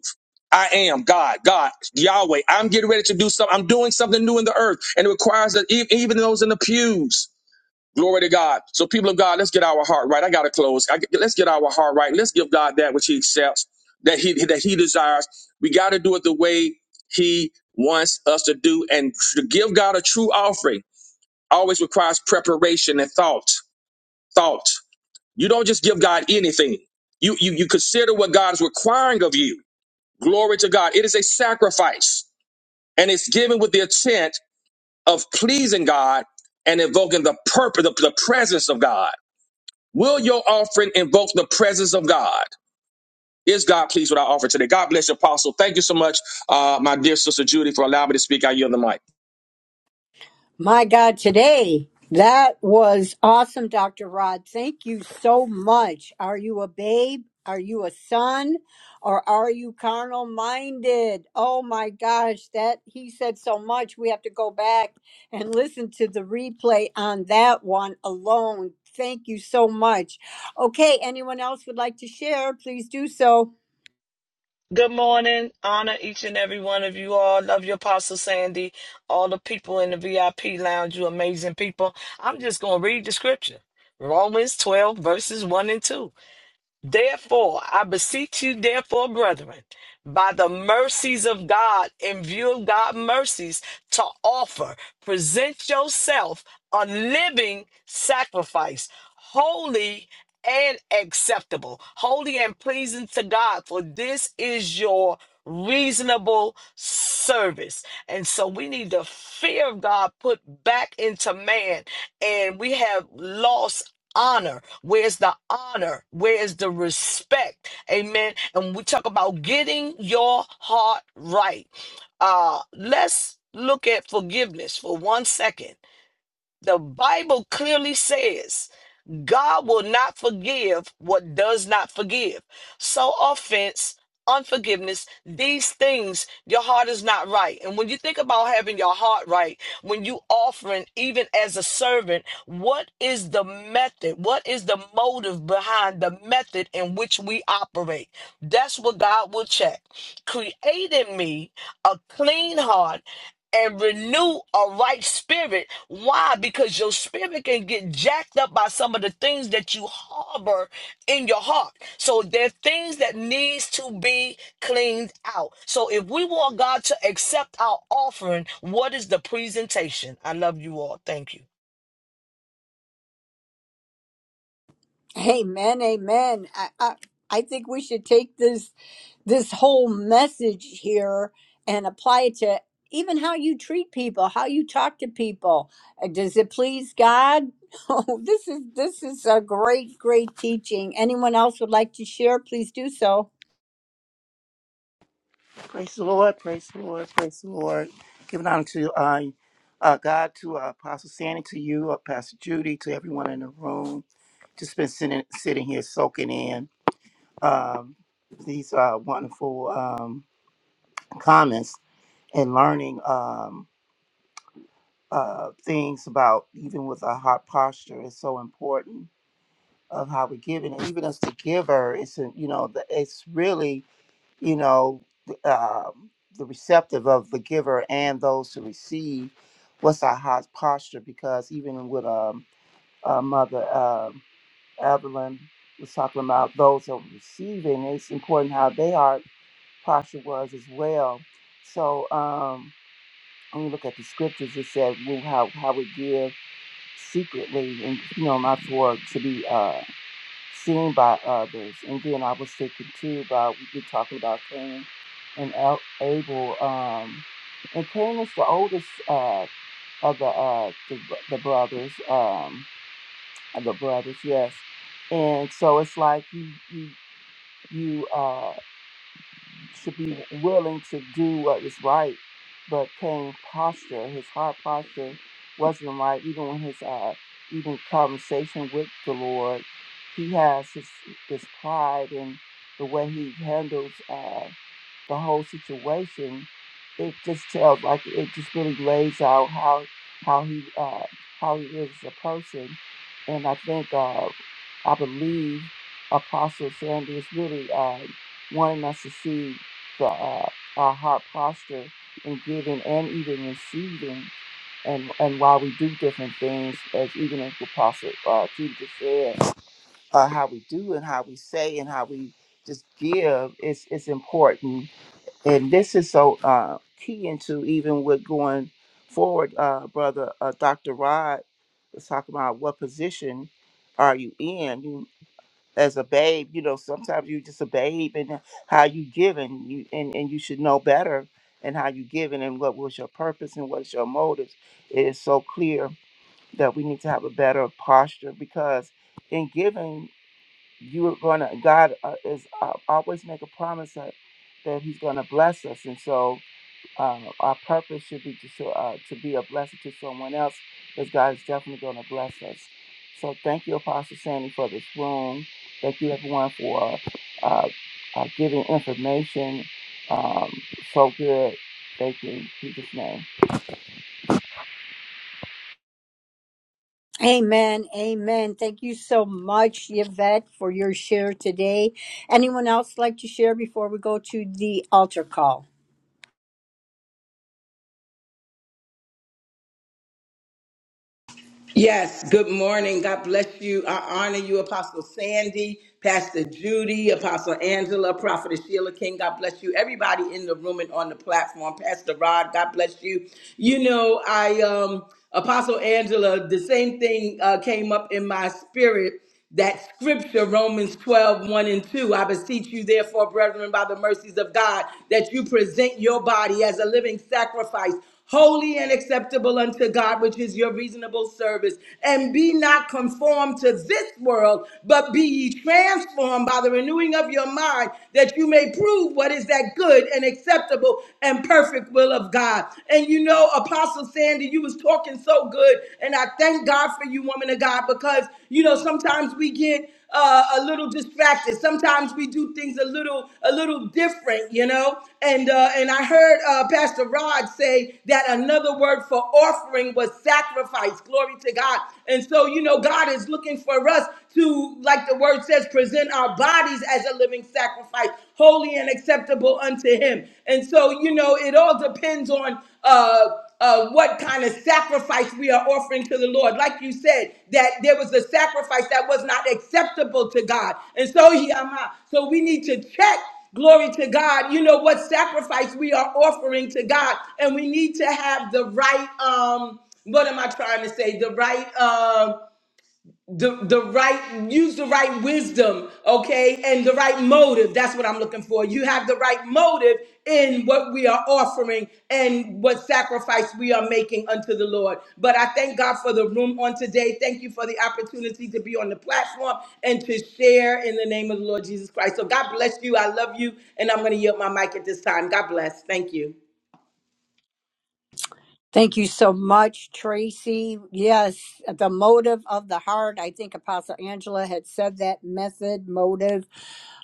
I am God, God, Yahweh. I'm getting ready to do something. I'm doing something new in the earth, and it requires that e- even those in the pews. Glory to God. So, people of God, let's get our heart right. I gotta close. I, let's get our heart right. Let's give God that which He accepts, that He that He desires. We gotta do it the way He wants us to do, and to give God a true offering always requires preparation and thought. Thought. You don't just give God anything. You you you consider what God is requiring of you Glory to God. It is a sacrifice and it's given with the intent of pleasing God and invoking the purpose, the, the presence of God. Will your offering invoke the presence of God? Is God pleased with our offering today? God bless you, Apostle. Thank you so much, uh, my dear sister Judy, for allowing me to speak. I yield the mic.
My God, today that was awesome, Doctor Rod. Thank you so much. Are you a babe? Are you a son, or are you carnal minded? Oh my gosh, that he said so much. We have to go back and listen to the replay on that one alone. Thank you so much. Okay, anyone else would like to share? Please do so.
Good morning. Honor each and every one of you all. Love you, Apostle Sandy. All the people in the VIP lounge, you amazing people. I'm just going to read the scripture Romans 12, verses 1 and 2. Therefore, I beseech you, therefore, brethren, by the mercies of God, in view of God's mercies, to offer, present yourself a living sacrifice, holy and acceptable, holy and pleasing to God, for this is your reasonable service. And so we need the fear of God put back into man, and we have lost. Honor, where's the honor? Where's the respect? Amen. And we talk about getting your heart right. Uh, let's look at forgiveness for one second. The Bible clearly says God will not forgive what does not forgive. So, offense, unforgiveness, these things, your heart is not right. And when you think about having your heart right, when you offering, even as a servant, what is the method? What is the motive behind the method in which we operate? That's what God will check. Create in me a clean heart and renew a right spirit. Why? Because your spirit can get jacked up by some of the things that you harbor in your heart. So there are things that needs to be cleaned out. So if we want God to accept our offering, what is the presentation? I love you all. Thank you.
Amen, amen. I, I I think we should take this this whole message here and apply it to even how you treat people, how you talk to people. Uh, Does it please God? Oh, this is this is a great, great teaching. Anyone else would like to share? Please do so.
Praise the Lord, praise the Lord, praise the Lord. Giving honor to uh, uh, God, to uh, Apostle Sandy, to you, uh, Pastor Judy, to everyone in the room. Just been sitting, sitting here soaking in um, these uh, wonderful um, comments and learning um, uh, things about even with our heart posture is so important of how we give, and even as the giver, it's a, you know the, it's really you know, um, the receptive of the giver and those who receive. What's our heart posture? Because even with um, uh, Mother um Evelyn was talking about those who are receiving, it's important how they are posture was as well. So um, when you look at the scriptures, it said, "Well, how how we give secretly, and you know, not for to be." uh, seen by others. And then I was thinking too about we've been talking about Cain and El- Abel. Um, and Cain is the oldest uh, of the, uh, the the brothers. Um, of the brothers, yes. And so it's like you you you. uh, to be willing to do what is right, but Cain's posture, his heart posture, wasn't right. Even when his uh, even conversation with the Lord, he has his his pride and the way he handles. Uh, the whole situation, it just tells like it just really lays out how how he uh, how he is as a person, and I think uh, I believe Apostle Sandy is really uh, wanting us to see the uh, our heart posture in giving and even receiving, and and why we do different things, as even as Apostle uh, Judy just said, uh, how we do and how we say and how we just give is is important and this is so uh, key into even with going forward, uh, brother uh, Dr. Rod was talking about what position are you in you, as a babe. You know, sometimes you just a babe and how you giving you and, and you should know better and how you giving and what was your purpose and what's your motives. It is so clear that we need to have a better posture because in giving you are going to God uh, is uh, always make a promise that, that he's going to bless us and so uh, our purpose should be to show, uh, to be a blessing to someone else, because God is definitely going to bless us. So thank you, Apostle Sandy, for this room. Thank you, everyone, for uh, uh, giving information um, so good. Thank you, in Jesus' name.
Amen, amen. Thank you so much, Yvette, for your share today. Anyone else like to share before we go to the altar call?
Yes, good morning. God bless you. I honor you, Apostle Sandy, Pastor Judy, Apostle Angela, Prophetess Sheila King. God bless you. Everybody in the room and on the platform. Pastor Rod, God bless you. You know, I um Apostle Angela, the same thing uh, came up in my spirit that scripture, Romans twelve one and 2. I beseech you, therefore, brethren, by the mercies of God, that you present your body as a living sacrifice, holy and acceptable unto God, which is your reasonable service. And be not conformed to this world, but be ye transformed by the renewing of your mind, that you may prove what is that good and acceptable and perfect will of God. And you know, Apostle Sandy, you was talking so good, and I thank God for you, woman of God, because you know sometimes we get uh, a little distracted. Sometimes we do things a little a little different, you know. And uh, and I heard uh, Pastor Rod say that another word for offering was sacrifice. Glory to God. And so you know God is looking for us to, like the word says, present our bodies as a living sacrifice, holy and acceptable unto Him. And so you know it all depends on. Uh, uh, what kind of sacrifice we are offering to the Lord. Like you said, that there was a sacrifice that was not acceptable to God. And so, he am Yama, so we need to check. Glory to God. You know what sacrifice we are offering to God. And we need to have the right, um, what am I trying to say? The right um, the the right use the right wisdom okay and the right motive that's what i'm looking for you have the right motive in what we are offering and what sacrifice we are making unto the lord but i thank god for the room on today thank you for the opportunity to be on the platform and to share in the name of the lord jesus christ so god bless you i love you and i'm going to yield my mic at this time god bless thank you
Thank you so much, Tracy. Yes, the motive of the heart. I think Apostle Angela had said that method, motive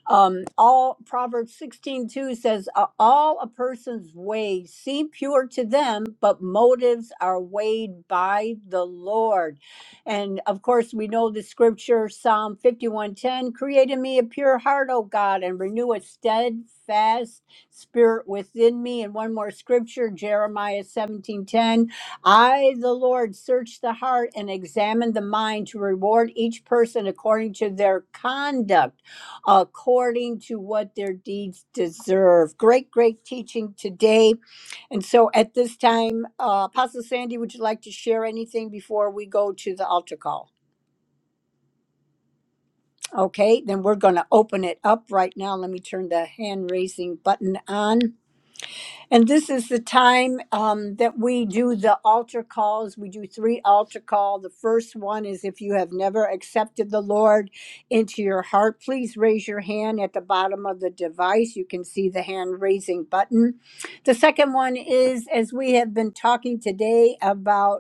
um, all proverbs 16 2 says "A- all a person's ways seem pure to them but motives are weighed by the lord and of course we know the scripture psalm 51.10 create in me a pure heart o god and renew a steadfast spirit within me and one more scripture jeremiah 17.10 i the lord search the heart and examine the mind to reward each person according to their conduct according to what their deeds deserve. Great, great teaching today. And so at this time, uh, Apostle Sandy, would you like to share anything before we go to the altar call? Okay, then we're going to open it up right now. Let me turn the hand raising button on. And this is the time um, that we do the altar calls. We do three altar call. The first one is if you have never accepted the Lord into your heart, please raise your hand at the bottom of the device. You can see the hand raising button. The second one is as we have been talking today about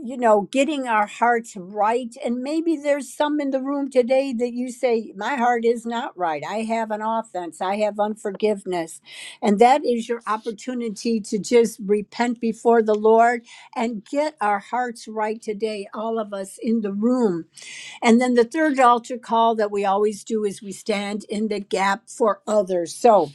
you know, getting our hearts right. And maybe there's some in the room today that you say, My heart is not right. I have an offense. I have unforgiveness. And that is your opportunity to just repent before the Lord and get our hearts right today, all of us in the room. And then the third altar call that we always do is we stand in the gap for others. So,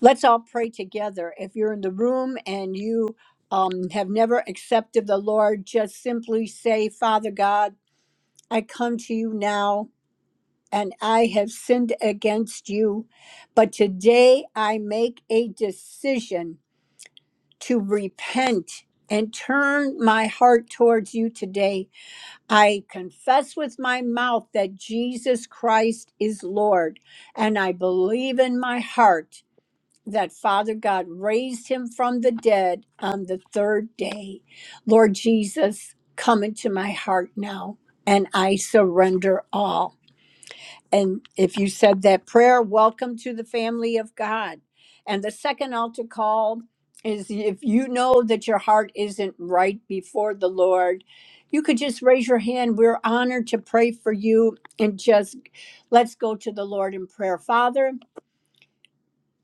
Let's all pray together. If you're in the room and you um, have never accepted the Lord, just simply say, Father God, I come to you now and I have sinned against you. But today I make a decision to repent and turn my heart towards you today. I confess with my mouth that Jesus Christ is Lord, and I believe in my heart that Father God raised him from the dead on the third day. Lord Jesus, come into my heart now and I surrender all. And if you said that prayer, welcome to the family of God. And the second altar call is if you know that your heart isn't right before the Lord, you could just raise your hand. We're honored to pray for you and just let's go to the Lord in prayer. Father,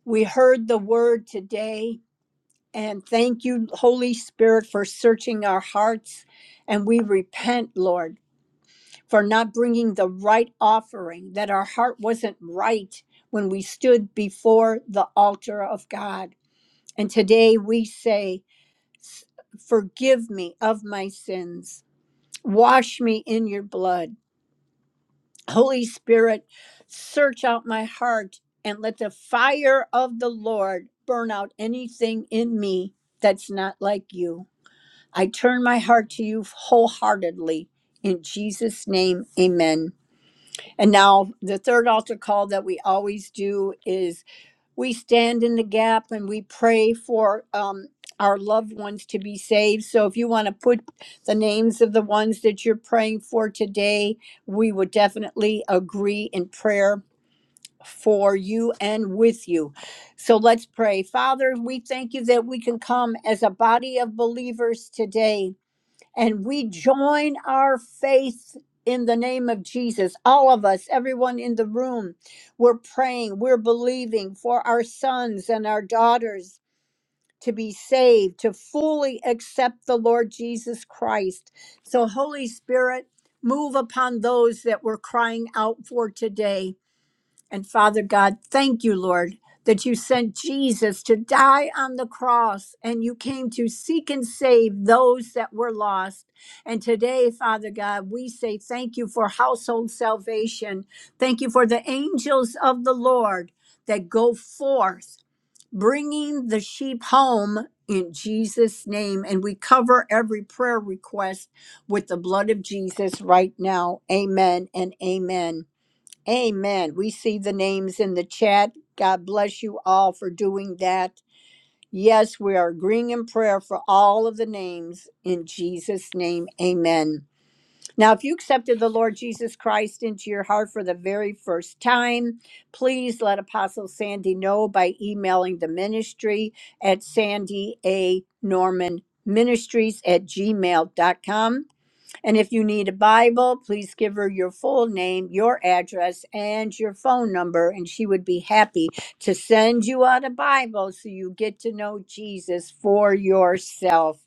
we heard the word today and thank you, Holy Spirit, for searching our hearts. And we repent, Lord, for not bringing the right offering, that our heart wasn't right when we stood before the altar of God. And today we say, "S- Forgive me of my sins, wash me in your blood. Holy Spirit, search out my heart and let the fire of the Lord burn out anything in me that's not like you. I turn my heart to you wholeheartedly. In Jesus' name, amen. And now, the third altar call that we always do is we stand in the gap and we pray for um, our loved ones to be saved. So, if you want to put the names of the ones that you're praying for today, we would definitely agree in prayer for you and with you. So, let's pray. Father, we thank you that we can come as a body of believers today and we join our faith in the name of Jesus. All of us, everyone in the room, we're praying, we're believing for our sons and our daughters to be saved, to fully accept the Lord Jesus Christ. So, Holy Spirit, move upon those that we're crying out for today and Father God, thank you, Lord, that you sent Jesus to die on the cross and you came to seek and save those that were lost. And today, Father God, we say thank you for household salvation. Thank you for the angels of the Lord that go forth bringing the sheep home in Jesus' name. And we cover every prayer request with the blood of Jesus right now. Amen and amen. Amen. We see the names in the chat. God bless you all for doing that. Yes, we are agreeing in prayer for all of the names in Jesus' name. Amen. Now, if you accepted the Lord Jesus Christ into your heart for the very first time, please let Apostle Sandy know by emailing the ministry at Sandy A. Norman Ministries at gmail dot com. And if you need a Bible, please give her your full name, your address, and your phone number, and she would be happy to send you out a Bible so you get to know Jesus for yourself.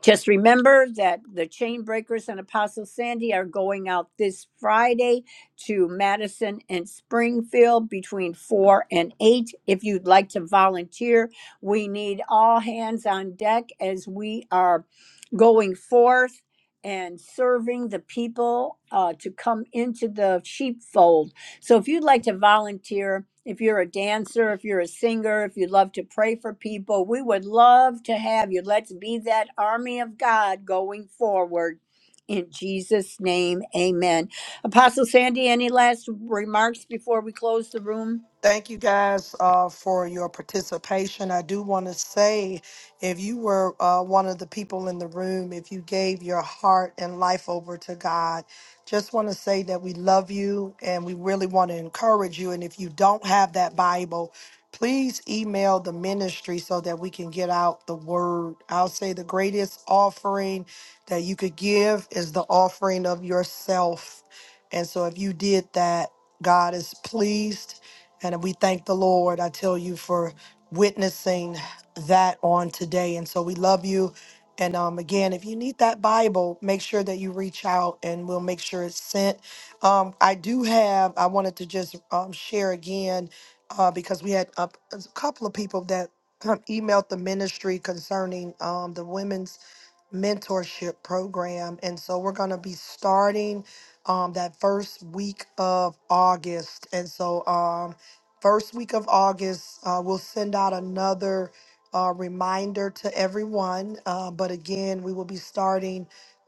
Just remember that the Chain Breakers and Apostle Sandy are going out this Friday to Madison and Springfield between 4 and 8. If you'd like to volunteer, we need all hands on deck as we are going forth and serving the people uh, to come into the sheepfold so if you'd like to volunteer, if you're a dancer, if you're a singer, if you love to pray for people, we would love to have you. Let's be that army of God going forward. In Jesus' name, amen. Apostle Sandy, any last remarks before we close the room?
Thank you guys uh, for your participation. I do want to say if you were uh, one of the people in the room, if you gave your heart and life over to God, just want to say that we love you and we really want to encourage you. And if you don't have that Bible, please email the ministry so that we can get out the word. I'll say the greatest offering that you could give is the offering of yourself. And so if you did that, God is pleased and we thank the Lord, I tell you, for witnessing that on today. And so we love you. And um, again, if you need that Bible, make sure that you reach out and we'll make sure it's sent. Um, I do have, I wanted to just um, share again uh, because we had a, a couple of people that emailed the ministry concerning um, the women's mentorship program. And so we're going to be starting um, that first week of August. And so, um, first week of August, uh, we'll send out another uh, reminder to everyone. Uh, but again, we will be starting.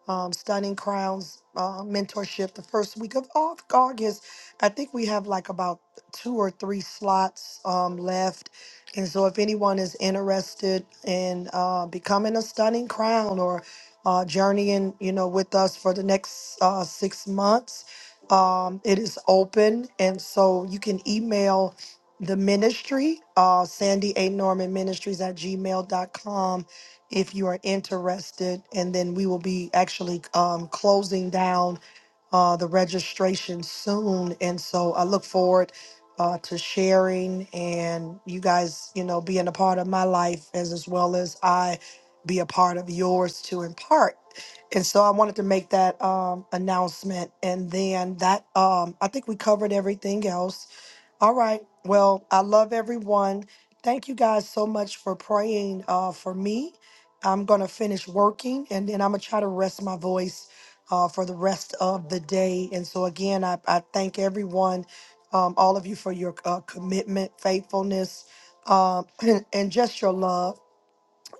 Um, Stunning Crowns uh, mentorship the first week of Au- August. I think we have like about two or three slots um, left and so, if anyone is interested in uh, becoming a stunning crown or uh, journeying, you know, with us for the next uh, six months, um, it is open. And so, you can email the ministry, uh, Sandy A. Norman Ministries at gmail dot com, if you are interested. And then we will be actually um, closing down uh, the registration soon. And so, I look forward uh, to sharing and you guys, you know, being a part of my life as, as well as I be a part of yours to impart. And so I wanted to make that um, announcement. And then that, um, I think we covered everything else. All right. Well, I love everyone. Thank you guys so much for praying uh, for me. I'm going to finish working and then I'm going to try to rest my voice uh, for the rest of the day. And so, again, I, I thank everyone, um, all of you, for your uh, commitment, faithfulness, um, and just your love.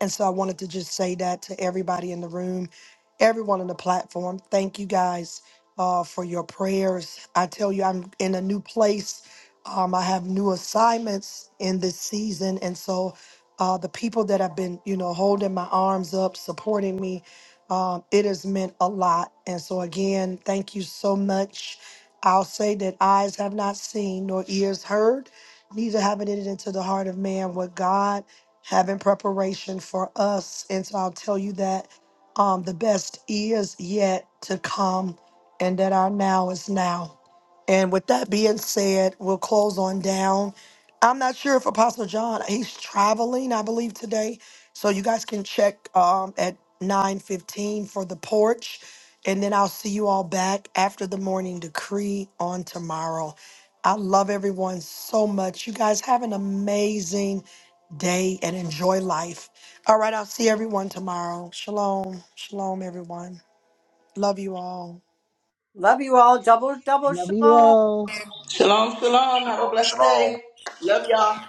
And so I wanted to just say that to everybody in the room, everyone on the platform. Thank you guys uh, for your prayers. I tell you, I'm in a new place. Um, I have new assignments in this season. And so uh, the people that have been, you know, holding my arms up, supporting me, um, it has meant a lot. And so, again, thank you so much. I'll say that eyes have not seen, nor ears heard, neither have it entered into the heart of man what God having preparation for us. And so I'll tell you that um, the best is yet to come and that our now is now. And with that being said, we'll close on down. I'm not sure if Apostle John, he's traveling, I believe, today. So you guys can check um, at 9.15 for the porch. And then I'll see you all back after the morning decree on tomorrow. I love everyone so much. You guys have an amazing day and enjoy life. All right, I'll see everyone tomorrow. Shalom. Shalom, everyone. Love you all.
Love you all. Double, double
Love you
shalom.
all.
Shalom, shalom. Have a blessed day. Love y'all.